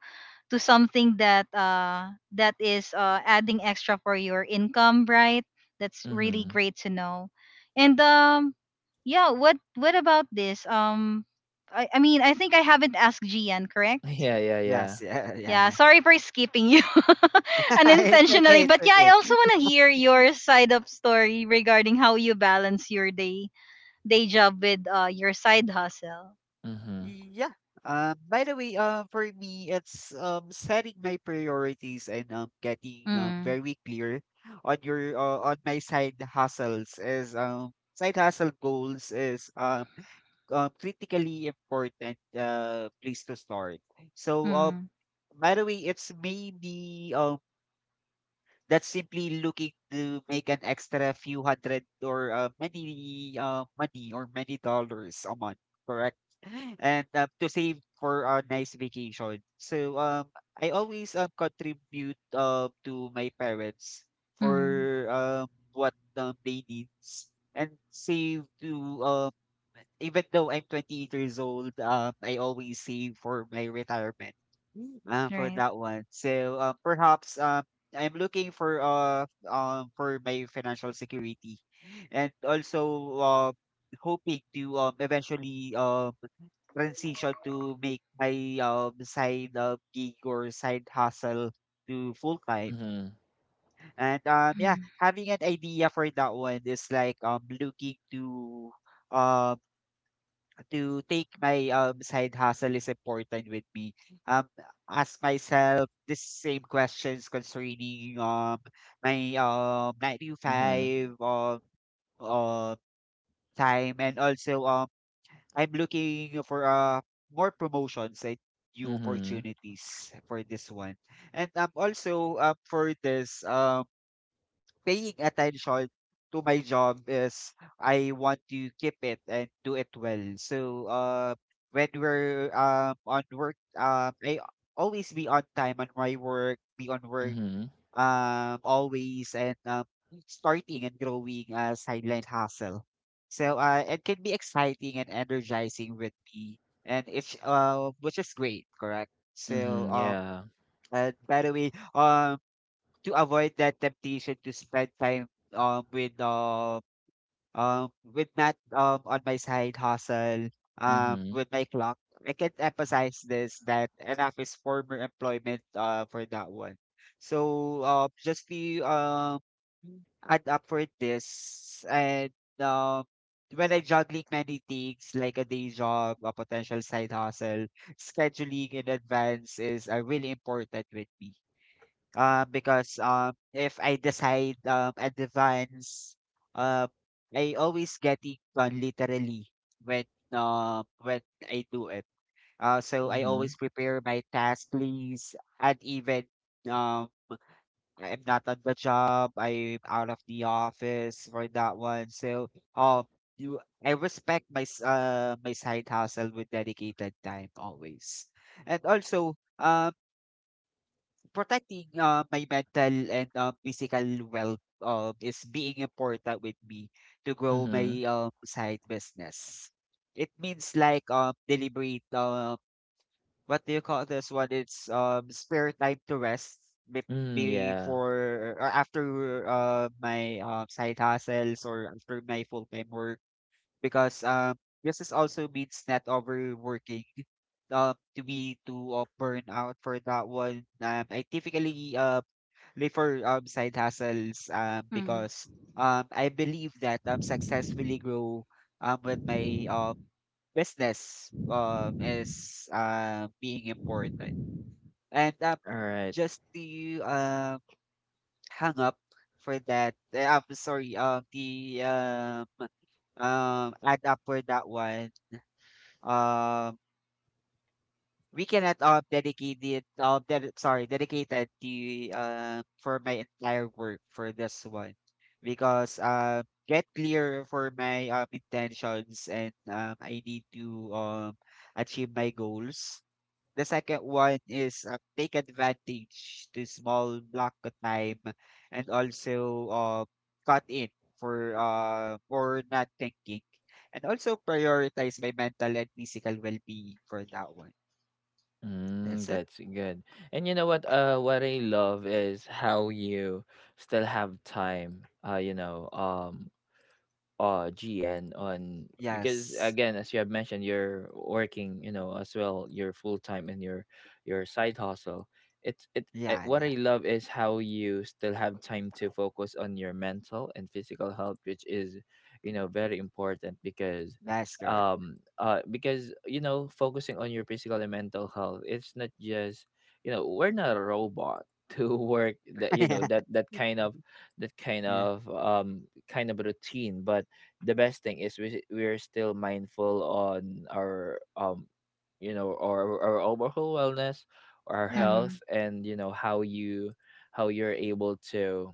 S1: something that, that is adding extra for your income, right? That's really
S2: Mm-hmm.
S1: great to know. And yeah, what about this, I mean, I think I haven't asked Gian,
S2: [LAUGHS]
S1: correct?
S2: Yeah, yeah, yeah.
S3: Yes, [LAUGHS] yeah, yeah,
S1: Yeah,
S3: yeah.
S1: sorry for skipping you. [LAUGHS]
S3: [LAUGHS] It's
S1: Unintentionally,
S3: okay, it's
S1: but yeah, I
S3: okay.
S1: also want to hear your side up story regarding how you balance your day job with your side hustle.
S2: Mm-hmm.
S3: Yeah. By the way, for me, it's setting my priorities and getting
S1: Mm,
S3: very clear on my side hustles is side hustle goals is critically important place to start. So
S1: mm,
S3: by the way, it's maybe that's simply looking to make an extra few hundred or many money or many dollars a month, correct? [LAUGHS] And to save for a nice vacation. So I always contribute to my parents
S1: mm,
S3: for what they needs and save to um, even though I'm 28 years old, I always save for my retirement. For
S1: right,
S3: that one. So perhaps I'm looking for my financial security, and also uh, hoping to eventually transition to make my side gig or side hustle to full time.
S2: Mm-hmm.
S3: And yeah,
S1: mm,
S3: having an idea for that one is like looking um to take my side hustle is important with me. Um, Ask myself the same questions concerning my nine to
S2: Mm-hmm.
S3: five uh, time, and also I'm looking for more promotions and new
S2: Mm-hmm.
S3: opportunities for this one. And also for this paying attention to my job is I want to keep it and do it well. So when we're on work, I always be on time on my work, be on work
S2: Mm-hmm.
S3: always and starting and growing a sideline hustle. So it can be exciting and energizing with me, and it's which is great, correct? So
S2: Mm-hmm. Yeah.
S3: and by the way, to avoid that temptation to spend time um with um with Matt on my side hustle
S2: Mm-hmm.
S3: with my clock. I can emphasize this that enough is former employment for that one. So just to um add up for this, and um when I juggling many things like a day job, a potential side hustle, scheduling in advance is really important with me. Because if I decide advance, uh, I always get it done literally when I do it. So I
S2: Mm-hmm.
S3: always prepare my task list, and even um, I'm not on the job, I'm out of the office for that one. So um, I respect my my side hustle with dedicated time always, and also protecting my mental and physical well is being important with me to grow
S2: Mm-hmm.
S3: my side business. It means like deliberate what do you call this one? It's spare time to rest be-
S2: Mm, yeah.
S3: before or after my side hustles or after my full time work because this is also means not overworking to be to burn out for that one. I typically refer side hustles
S1: Mm-hmm.
S3: because I believe that successfully grow with my business is being important, and
S2: All right.
S3: just to um hang up for that I'm sorry, the add up for that one, um we cannot dedicate it sorry, dedicated to for my entire work for this one because get clear for my intentions, and I need to achieve my goals. The second one is take advantage to small block of time, and also cut in for not thinking, and also prioritize my mental and physical well being for that one.
S2: Mm,
S3: That's it.
S2: that's good. And you know what? What I love is how you still have time. G and on, because
S3: Yes.
S2: again as you have mentioned, you're working as well your full time and your side hustle. It,
S3: Yeah,
S2: what
S3: yeah.
S2: I love is how you still have time to focus on your mental and physical health, which is very important. Because
S3: That's correct.
S2: because focusing on your physical and mental health, it's not just we're not a robot [LAUGHS] to work, that
S3: [LAUGHS]
S2: that kind of that kind
S3: Yeah, yeah,
S2: of um kind of routine. But the best thing is we're still mindful on our our overall wellness, our
S3: yeah.
S1: Mm-hmm.
S2: health. And you know how you how you're able to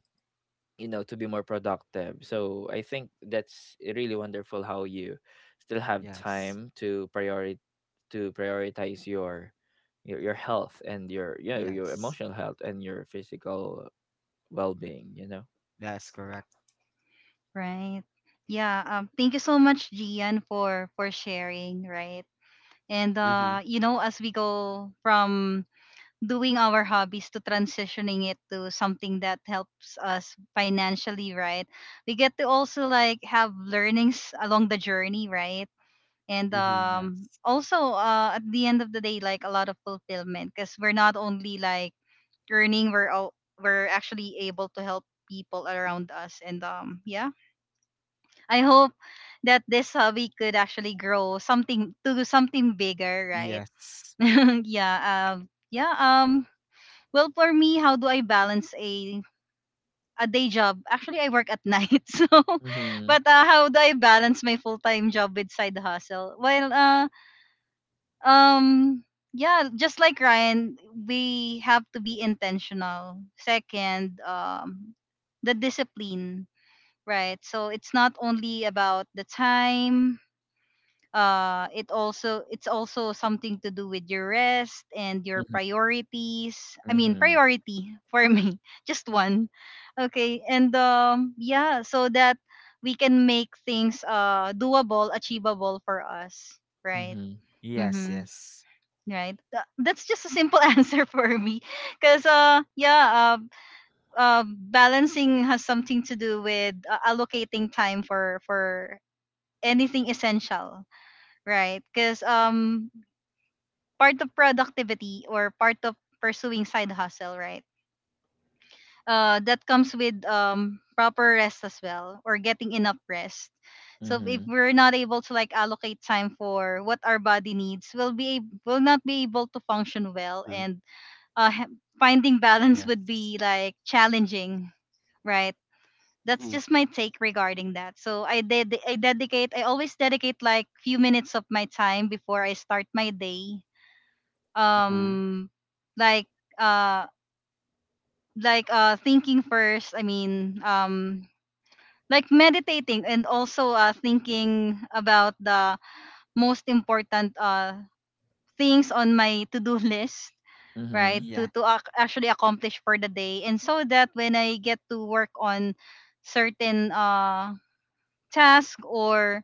S2: to be more productive. So I think that's really wonderful how you still have
S3: Yes.
S2: time to priority to prioritize your your health and your, you know, your
S3: Yes.
S2: emotional health and your physical well-being, you know.
S3: That's correct.
S1: Right. Yeah. Thank you so much, Gian, for sharing. Right. And,
S3: Mm-hmm.
S1: you know, as we go from doing our hobbies to transitioning it to something that helps us financially, right? We get to also, like, have learnings along the journey, right? And
S3: Mm-hmm. Yes.
S1: also, at the end of the day, like, a lot of fulfillment, because we're not only like earning, we're actually able to help people around us. And yeah, I hope that this hobby could actually grow something to something bigger, right?
S3: Yes.
S1: [LAUGHS] Yeah. Well, for me, how do I balance a day job? Actually, I work at night, [LAUGHS] so.
S2: Mm-hmm.
S1: But how do I balance my full time job with side hustle? Well, um, yeah, just like Ryan, we have to be intentional. Second, the discipline, right? So it's not only about the time, it also, it's also something to do with your rest and your
S2: Mm-hmm.
S1: priorities, I mean,
S2: Mm-hmm.
S1: priority for me, [LAUGHS] just one. Okay, and yeah, so that we can make things, doable, achievable for us, right?
S3: Yes,
S1: Mm-hmm.
S3: yes.
S1: Right. That's just a simple [LAUGHS] answer for me, because yeah, uh, uh balancing has something to do with, allocating time for anything essential, right? Because part of productivity or part of pursuing side hustle, right? That comes with, proper rest as well, or getting enough rest. So if
S2: Mm-hmm.
S1: we're not able to like allocate time for what our body needs, we'll be we'll not be able to function well,
S3: Mm-hmm.
S1: and, uh, ha- finding balance would
S3: Yes.
S1: be like challenging, right? That's
S3: Mm-hmm.
S1: just my take regarding that. So I dedicate, I always dedicate, like, few minutes of my time before I start my day,
S3: Mm-hmm.
S1: um like uh thinking first, I mean, like meditating, and also, thinking about the most important, things on my to-do [LAUGHS] list, right,
S2: Mm-hmm.
S3: Yeah.
S1: to actually accomplish for the day, and so that when I get to work on certain, task or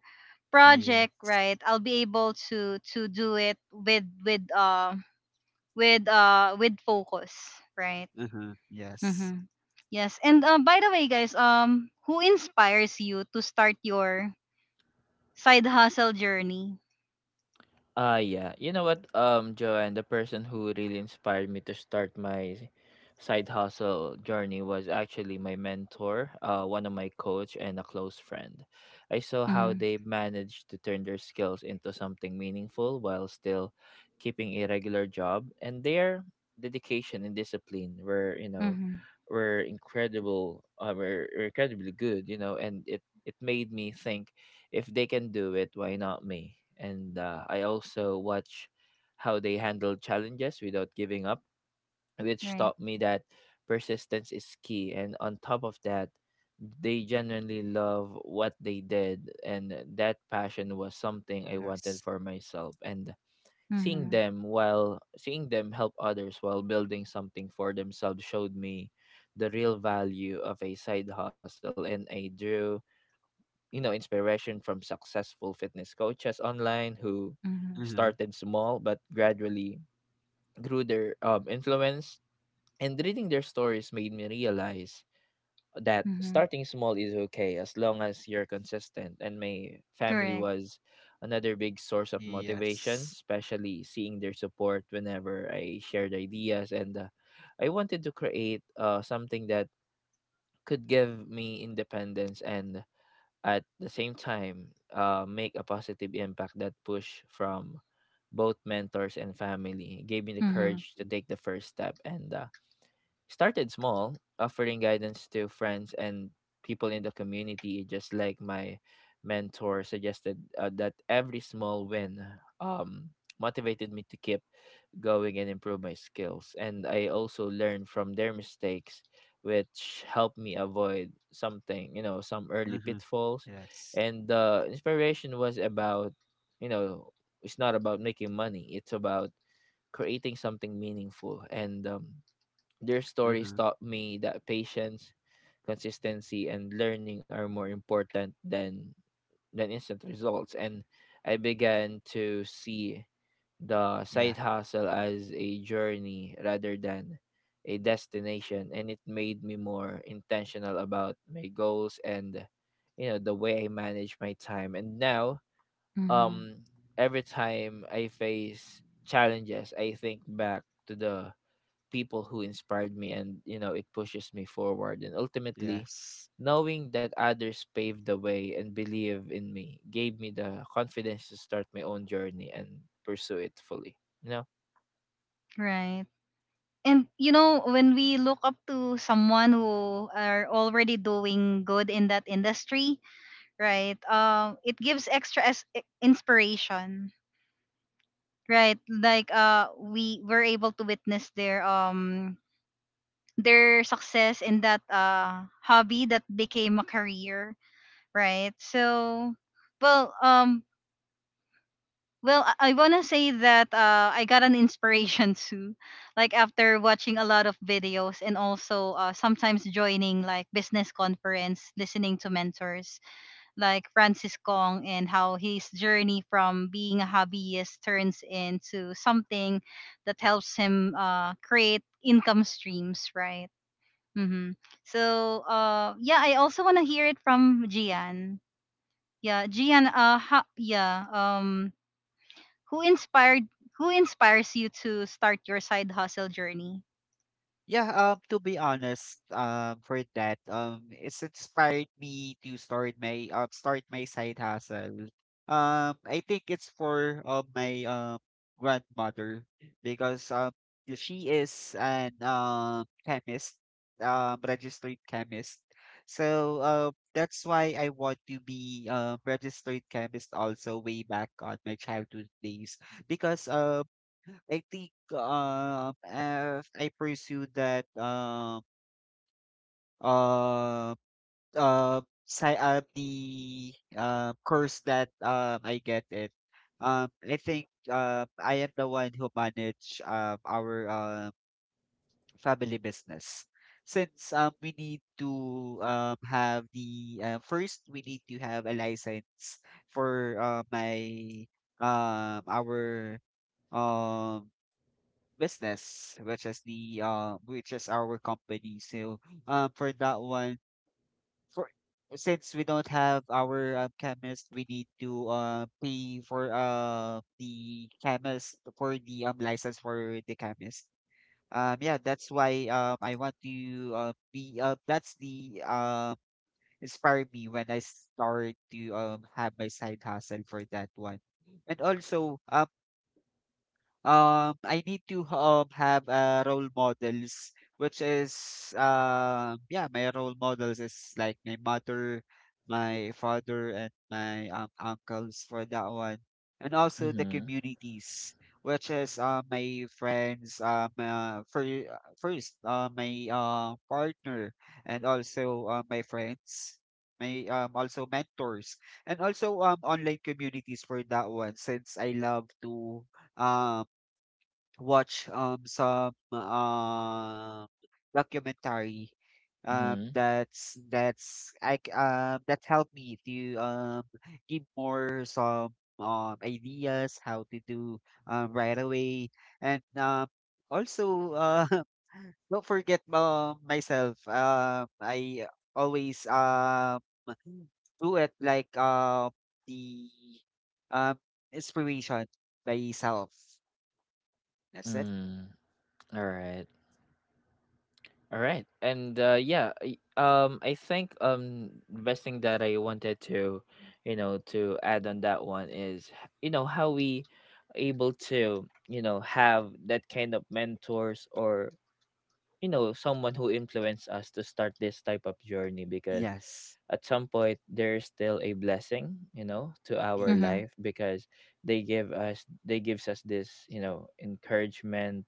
S1: project,
S3: Yes.
S1: right, I'll be able to do it with with focus, right?
S3: Mm-hmm. Yes.
S1: Mm-hmm. Yes. And, by the way, guys, who inspires you to start your side hustle journey?
S2: Ah, yeah. You know what, Joanne, the person who really inspired me to start my side hustle journey was actually my mentor, one of my coach and a close friend. I saw how
S1: Mm-hmm.
S2: they managed to turn their skills into something meaningful while still keeping a regular job, and their dedication and discipline were,
S1: Mm-hmm.
S2: were incredible. Were incredibly good, you know. And it made me think, if they can do it, why not me? And I also watch how they handle challenges without giving up, which
S1: Right.
S2: taught me that persistence is key. And on top of that, they genuinely love what they did, and that passion was something I
S3: Yes.
S2: wanted for myself. And
S1: Mm-hmm.
S2: seeing them help others while building something for themselves showed me the real value of a side hustle. And I drew, inspiration from successful fitness coaches online who
S1: Mm-hmm.
S3: Mm-hmm.
S2: started small but gradually grew their influence. And reading their stories made me realize that
S1: Mm-hmm.
S2: starting small is okay as long as you're consistent. And my family
S1: Correct.
S2: was another big source of motivation,
S3: Yes.
S2: especially seeing their support whenever I shared ideas. And I wanted to create something that could give me independence and at the same time make a positive impact. That push from both mentors and family gave me the
S1: Mm-hmm.
S2: courage to
S3: Mm-hmm.
S2: take the first step. And started small, offering guidance to friends and people in the community, just like my mentor suggested. That every small win um, motivated me to keep going and improve my skills. And I also learned from their mistakes, which helped me avoid something, you know, some early
S3: Mm-hmm.
S2: pitfalls.
S3: Yes.
S2: And the inspiration was about, you know, it's not about making money, it's about creating something meaningful. And their stories
S3: Mm-hmm.
S2: taught me that patience, consistency, and learning are more important than instant results. And I began to see the
S3: Yeah.
S2: side hustle as a journey rather than a destination. And it made me more intentional about my goals and, you know, the way I manage my time. And now,
S1: Mm-hmm.
S2: um, every time I face challenges, I think back to the people who inspired me, and you know, it pushes me forward. And ultimately,
S3: Yes.
S2: knowing that others paved the way and believe in me gave me the confidence to start my own journey and pursue it fully, you know.
S1: Right. And you know, when we look up to someone who are already doing good in that industry, right? It gives extra inspiration, right? Like we were able to witness their success in that hobby that became a career, right? So well um I want to say that I got an inspiration [LAUGHS] too, like after watching a lot of videos and also sometimes joining like business conference, listening to mentors like Francis Kong, and how his journey from being a hobbyist turns into something that helps him create income streams, right? Mm-hmm. So, yeah, I also want to hear it from Gian. Yeah, Gian. Who inspired? Who inspires you to start your side hustle journey?
S3: Yeah, to be honest, for that, it's inspired me to start my side hustle. I think it's for my grandmother because she is an chemist, registered chemist. So that's why I want to be registered chemist also way back on my childhood days because I think if I pursue that uh, side of the course that I get it. I think I am the one who manage our family business. Since we need to have the first we need to have a license for my our um business, which is our company. So for that one, for since we don't have our chemist, we need to pay for the chemist for the license for the chemist. Yeah, that's why I want to be that's the inspired me when I start to have my side hustle for that one. And also, I need to have role models, which is yeah, my role models is like my mother, my father, and my uncles for that one, and also the
S2: Mm-hmm.
S3: communities, which is my friends, for first my partner, and also my friends. My also mentors and also online communities for that one since I love to um watch some documentary
S2: Mm-hmm.
S3: that helped me to give more some ideas how to do right away and also [LAUGHS] don't forget myself. I always do it like the um inspiration by self. That's it.
S2: Mm. All right. All right. And yeah, I think the best thing that I wanted to, you know, to add on that one is you know how we able to, you know, have that kind of mentors or, you know, someone who influenced us to start this type of journey. Because
S3: Yes.
S2: at some point, there's still a blessing, you know, to our
S3: Yeah.
S1: Mm-hmm.
S2: life. Because they give us, they gives us this, you know, encouragement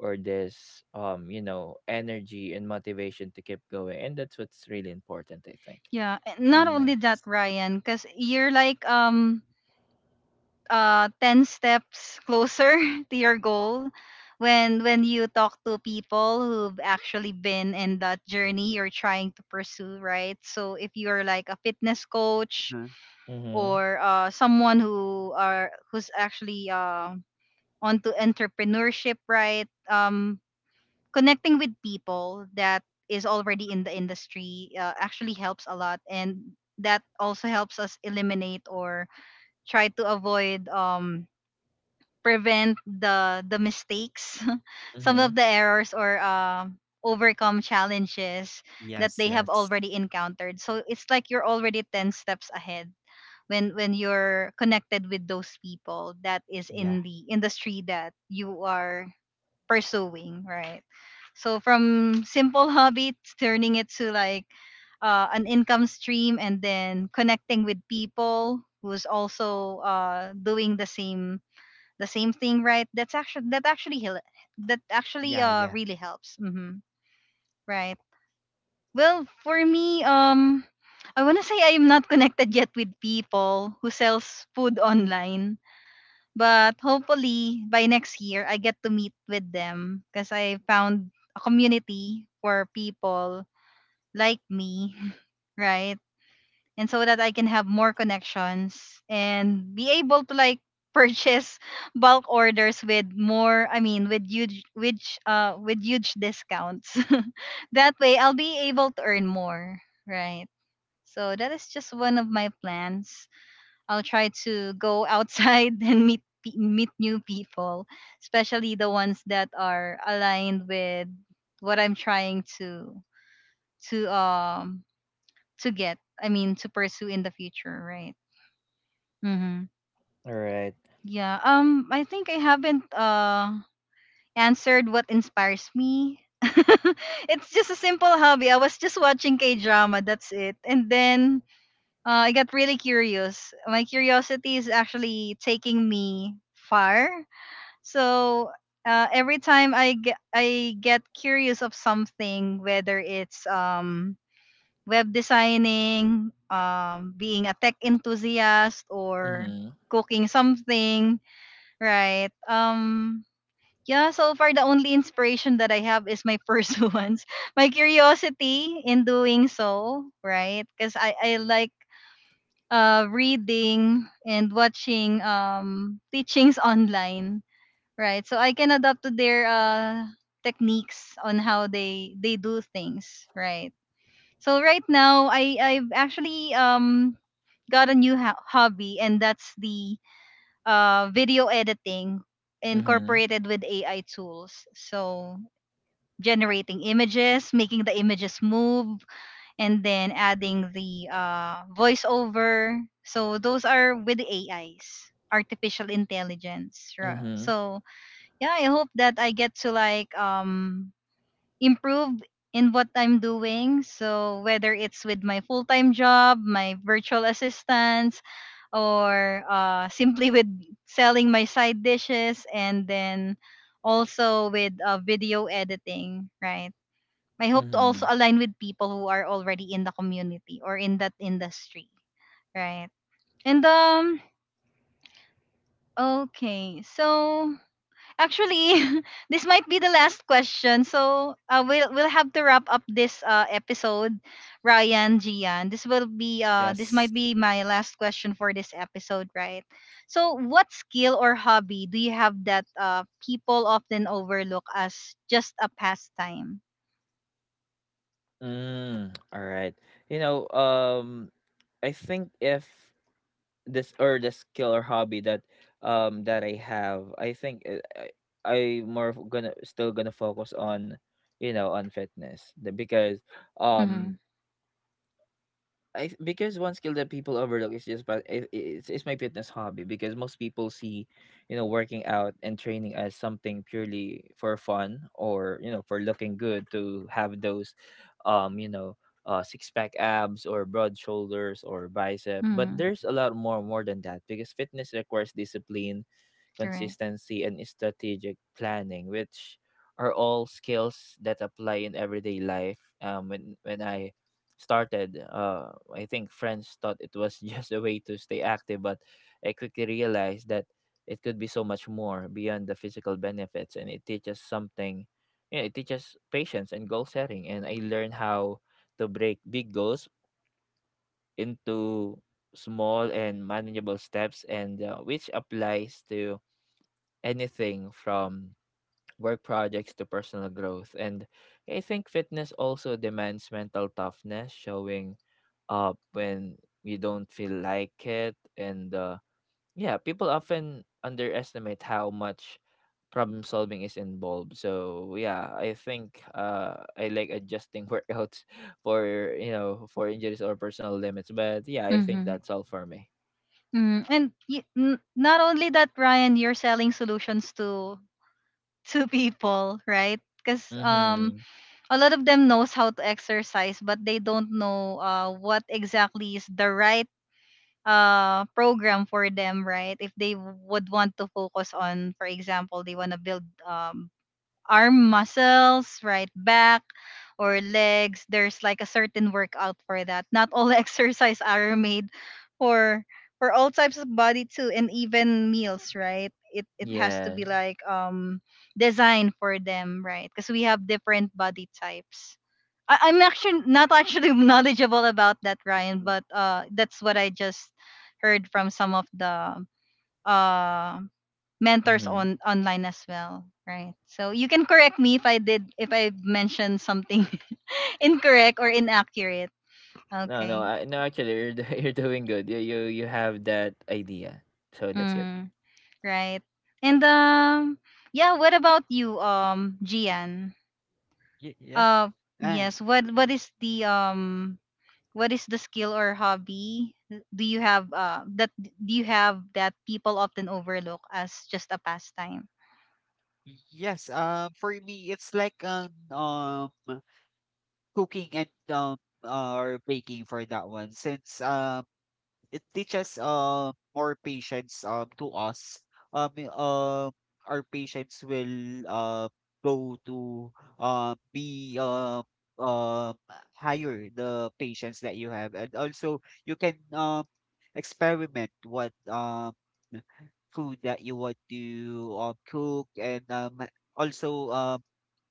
S2: or this, you know, energy and motivation to keep going. And that's what's really important, I think.
S1: Yeah. and Not only that,
S3: Yes.
S1: Ryan, because you're like ten steps closer [LAUGHS] to your goal. When you talk to people who've actually been in that journey you're trying to pursue, right? So if you're like a fitness coach,
S3: Huh.
S2: Mhm.
S1: or someone who's actually onto entrepreneurship, right? Connecting with people that is already in the industry actually helps a lot, and that also helps us eliminate or try to avoid prevent the mistakes, [LAUGHS] some of
S2: Mhm.
S1: the errors, or overcome challenges that
S3: Yes.
S1: they have
S3: Yes.
S1: already encountered. So it's like you're already ten steps ahead when you're connected with those people that is
S3: Yeah.
S1: in the industry that you are pursuing, right? So from simple hobby, turning it to like an income stream, and then connecting with people who's also doing the same thing, right? That's actually hel- that actually
S3: Yeah. Yeah.
S1: really helps. Hmm, right. Well, for me, I wanna say I'm not connected yet with people who sells food online. But hopefully by next year I get to meet with them, because I found a community for people like me, [LAUGHS] right? And so that I can have more connections and be able to like purchase [LAUGHS] bulk orders with more, I mean with huge, which with huge discounts. [LAUGHS] That way I'll be able to earn more, right? So that is just one of my plans. I'll try to go outside [LAUGHS] and meet new people, especially the ones that are aligned with what I'm trying to to um get, I mean to pursue in the future, right? Mm-hmm.
S2: All right.
S1: Yeah. I think I haven't answered what inspires me. [LAUGHS] It's just a simple hobby. I was just watching K drama. That's it. And then I got really curious. My curiosity is actually taking me far. So every time I get curious of something, whether it's web designing, being a tech enthusiast, or
S2: Mhm.
S1: cooking something. Right. Yeah, so far the only inspiration that I have is my [LAUGHS] pursuance, my curiosity in doing so, right? Cuz I like reading and watching teachings online, right? So I can adapt to their techniques on how they do things, right? So right now I've actually got a new hobby, and that's the video editing
S2: Mhm.
S1: incorporated with AI tools. So generating images, making the images move, and then adding the voiceover. So those are with the AIs, artificial intelligence.
S2: Mhm.
S1: So yeah, I hope that I get to like improve in what I'm doing. So whether it's with my full-time job, my virtual assistant, or simply with selling my side dishes, and then also with video editing, right? I hope to also
S2: Mhm.
S1: align with people who are already in the community or in that industry, right. and okay so Actually, [LAUGHS] this might be the last question. So we'll have to wrap up this episode, Ryan, Gian. This will be this might
S3: Yes.
S1: be my last question for this episode, right? So what skill or hobby do you have that people often overlook as just a pastime?
S2: Mm. All right. you know um I think if this or the skill or hobby that that I have, I think I more of gonna still gonna focus on, you know, on fitness. Because
S1: Mm-hmm.
S2: um because one skill that people overlook is just, but it's my fitness hobby. Because most people see, you know, working out and training as something purely for fun or, you know, for looking good to have those, um you know, six pack abs or broad shoulders or bicep. But
S1: Mm-hmm.
S2: there's a lot more more than that, because fitness requires discipline,
S1: Correct.
S2: consistency, and strategic planning, which are all skills that apply in everyday life. When I started, I think friends thought it was [LAUGHS] just a way to stay active, but I quickly realized that it could be so much more. Beyond the physical benefits, and it teaches something. You know, it teaches patience and goal setting, and I learned how to break big goals into small and manageable steps, and which applies to anything from work projects to personal growth. And I think fitness also demands mental toughness, showing up when you don't feel like it. And yeah, people often underestimate how much problem solving is involved. So yeah, I think I like adjusting [LAUGHS] workouts for, you know, for injuries or personal limits. But yeah, I think
S1: Mm-hmm.
S2: that's all for me.
S1: Mm, and not only that, Ryan, you're selling solutions to [LAUGHS] to people, right? Because
S2: Mm-hmm.
S1: a lot of them knows how to exercise, but they don't know what exactly is the right program for them, right? If they would want to focus on, for example, they want to build arm muscles, right, back or legs. There's like a certain workout for that. Not all [LAUGHS] exercise are made for for all types of body too, and even meals, right? It has to be
S2: Yes.
S1: like designed for them, right? Because we have different body types. I'm actually not actually [LAUGHS] knowledgeable about that, Ryan,
S3: Mhm.
S1: but that's what I just heard from some of the uh, mentors
S2: Mm-hmm.
S1: on online as well, right? So you can correct me if I did if I mentioned something [LAUGHS] incorrect or inaccurate.
S2: No, no,
S1: Okay.
S2: I, no. Actually, you're [LAUGHS] you're doing good. You have that idea, so that's good.
S1: Mm, right. and yeah, what about you, Gian?
S3: Yeah.
S1: uh
S3: Uh,
S1: yes what
S3: uh-huh.
S1: what is the um what is the skill or hobby do you have that people often overlook as just a pastime?
S3: Yes. For me, it's like cooking and or baking for that one, since it teaches more patience to us. Um, y- uh, our patients will go to be uh, higher the patience that you have, and also you can experiment what food that you want to cook, and also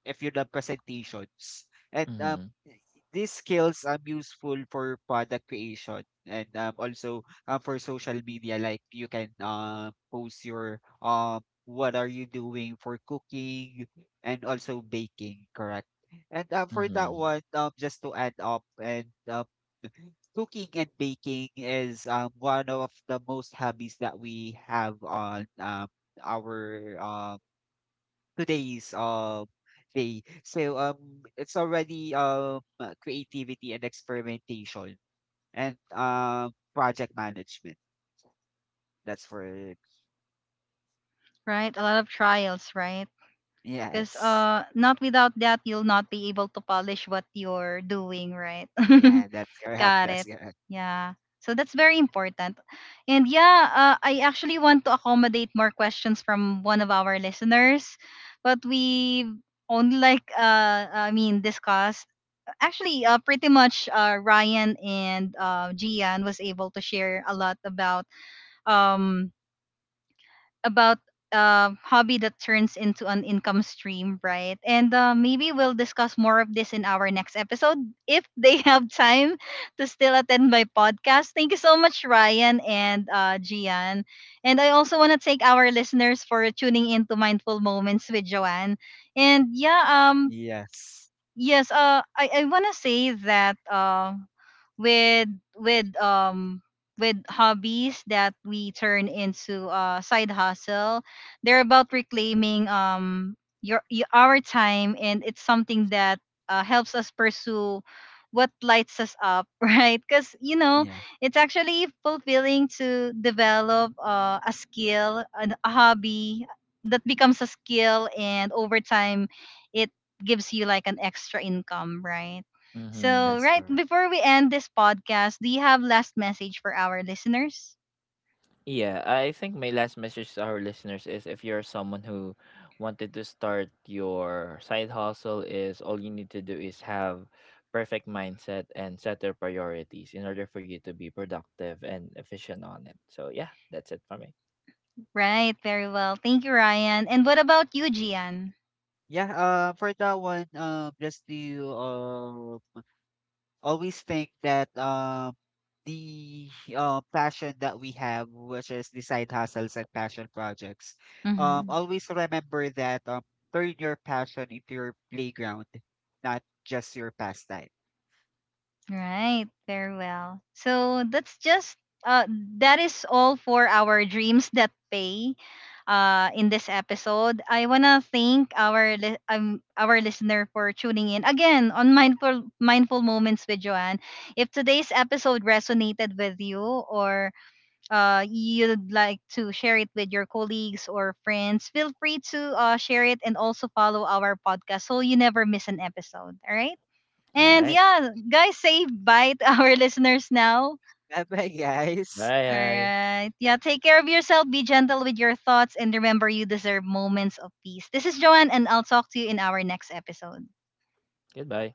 S3: if you love presentations. And
S2: Mm-hmm.
S3: these skills useful for product creation and also for social media, like you can post your what are you doing for cooking and also baking, correct. And for that
S2: Mm-hmm.
S3: one, just to add up. And cooking and baking is one of the most hobbies that we have on our uh today's day. So it's already creativity and experimentation and project management. That's for it.
S1: Right, a lot of trials, right? Because
S3: Yes.
S1: not without that, you'll not be able to polish what you're doing, right? [LAUGHS]
S3: Yeah, that's correct. [LAUGHS]
S1: Got
S3: That's
S1: it.
S3: correct.
S1: Yeah. So that's very important. And yeah, I actually want to accommodate more questions from one of our listeners, but we only like I mean discussed actually pretty much Ryan and Gian was able to share a lot about um about a hobby that turns into an income stream, right? And maybe we'll discuss more of this in our next episode if they [LAUGHS] have time to still attend my podcast. Thank you so much, Ryan, and Gian. And I also want to thank our listeners for tuning in to Mindful Moments with Joanne. And yeah,
S3: Yes.
S1: yes I want to say that with with um with hobbies that we turn into side hustle, they're about reclaiming your, y our time, and it's something that helps us pursue what lights us up, [LAUGHS] right? Because you know,
S3: Yeah,
S1: it's actually fulfilling to develop a hobby that becomes a skill, and over time it gives you like an extra income, right?
S2: Mm-hmm.
S1: So,
S3: that's
S1: right
S3: correct.
S1: before we end this podcast, do you have last message for our listeners?
S2: Yeah, I think my last message to our listeners is: if you're someone who wanted to start your side hustle, is all you need to do is have perfect mindset and set your priorities in order for you to be productive and efficient on it. So yeah, that's it for me.
S1: Right, very well. Thank you, Ryan. And what about you, Gian?
S3: Yeah, for that one, just to always think that the passion that we have, which is the side hustles and passion projects.
S1: Mm-hmm.
S3: Always remember that, turn your passion into your playground, not just your pastime.
S1: Right, very well. So that's just uh that is all for our Dreams That Pay in this episode. I want to thank our our listener for tuning in again on Mindful Moments with Joanne. If today's episode resonated with you, or you'd like to share it with your colleagues or friends, feel free to share it, and also follow our podcast so you never miss an episode. All right?
S2: All
S1: And
S2: right.
S3: Yes.
S1: yeah, guys, say bye to [LAUGHS] our listeners now.
S3: [LAUGHS] Bye bye, guys.
S1: All
S2: Bye.
S1: right. Yeah, take care of yourself, be gentle with your thoughts, and remember you deserve moments of peace. This is Joanne, and I'll talk to you in our next episode.
S2: Goodbye.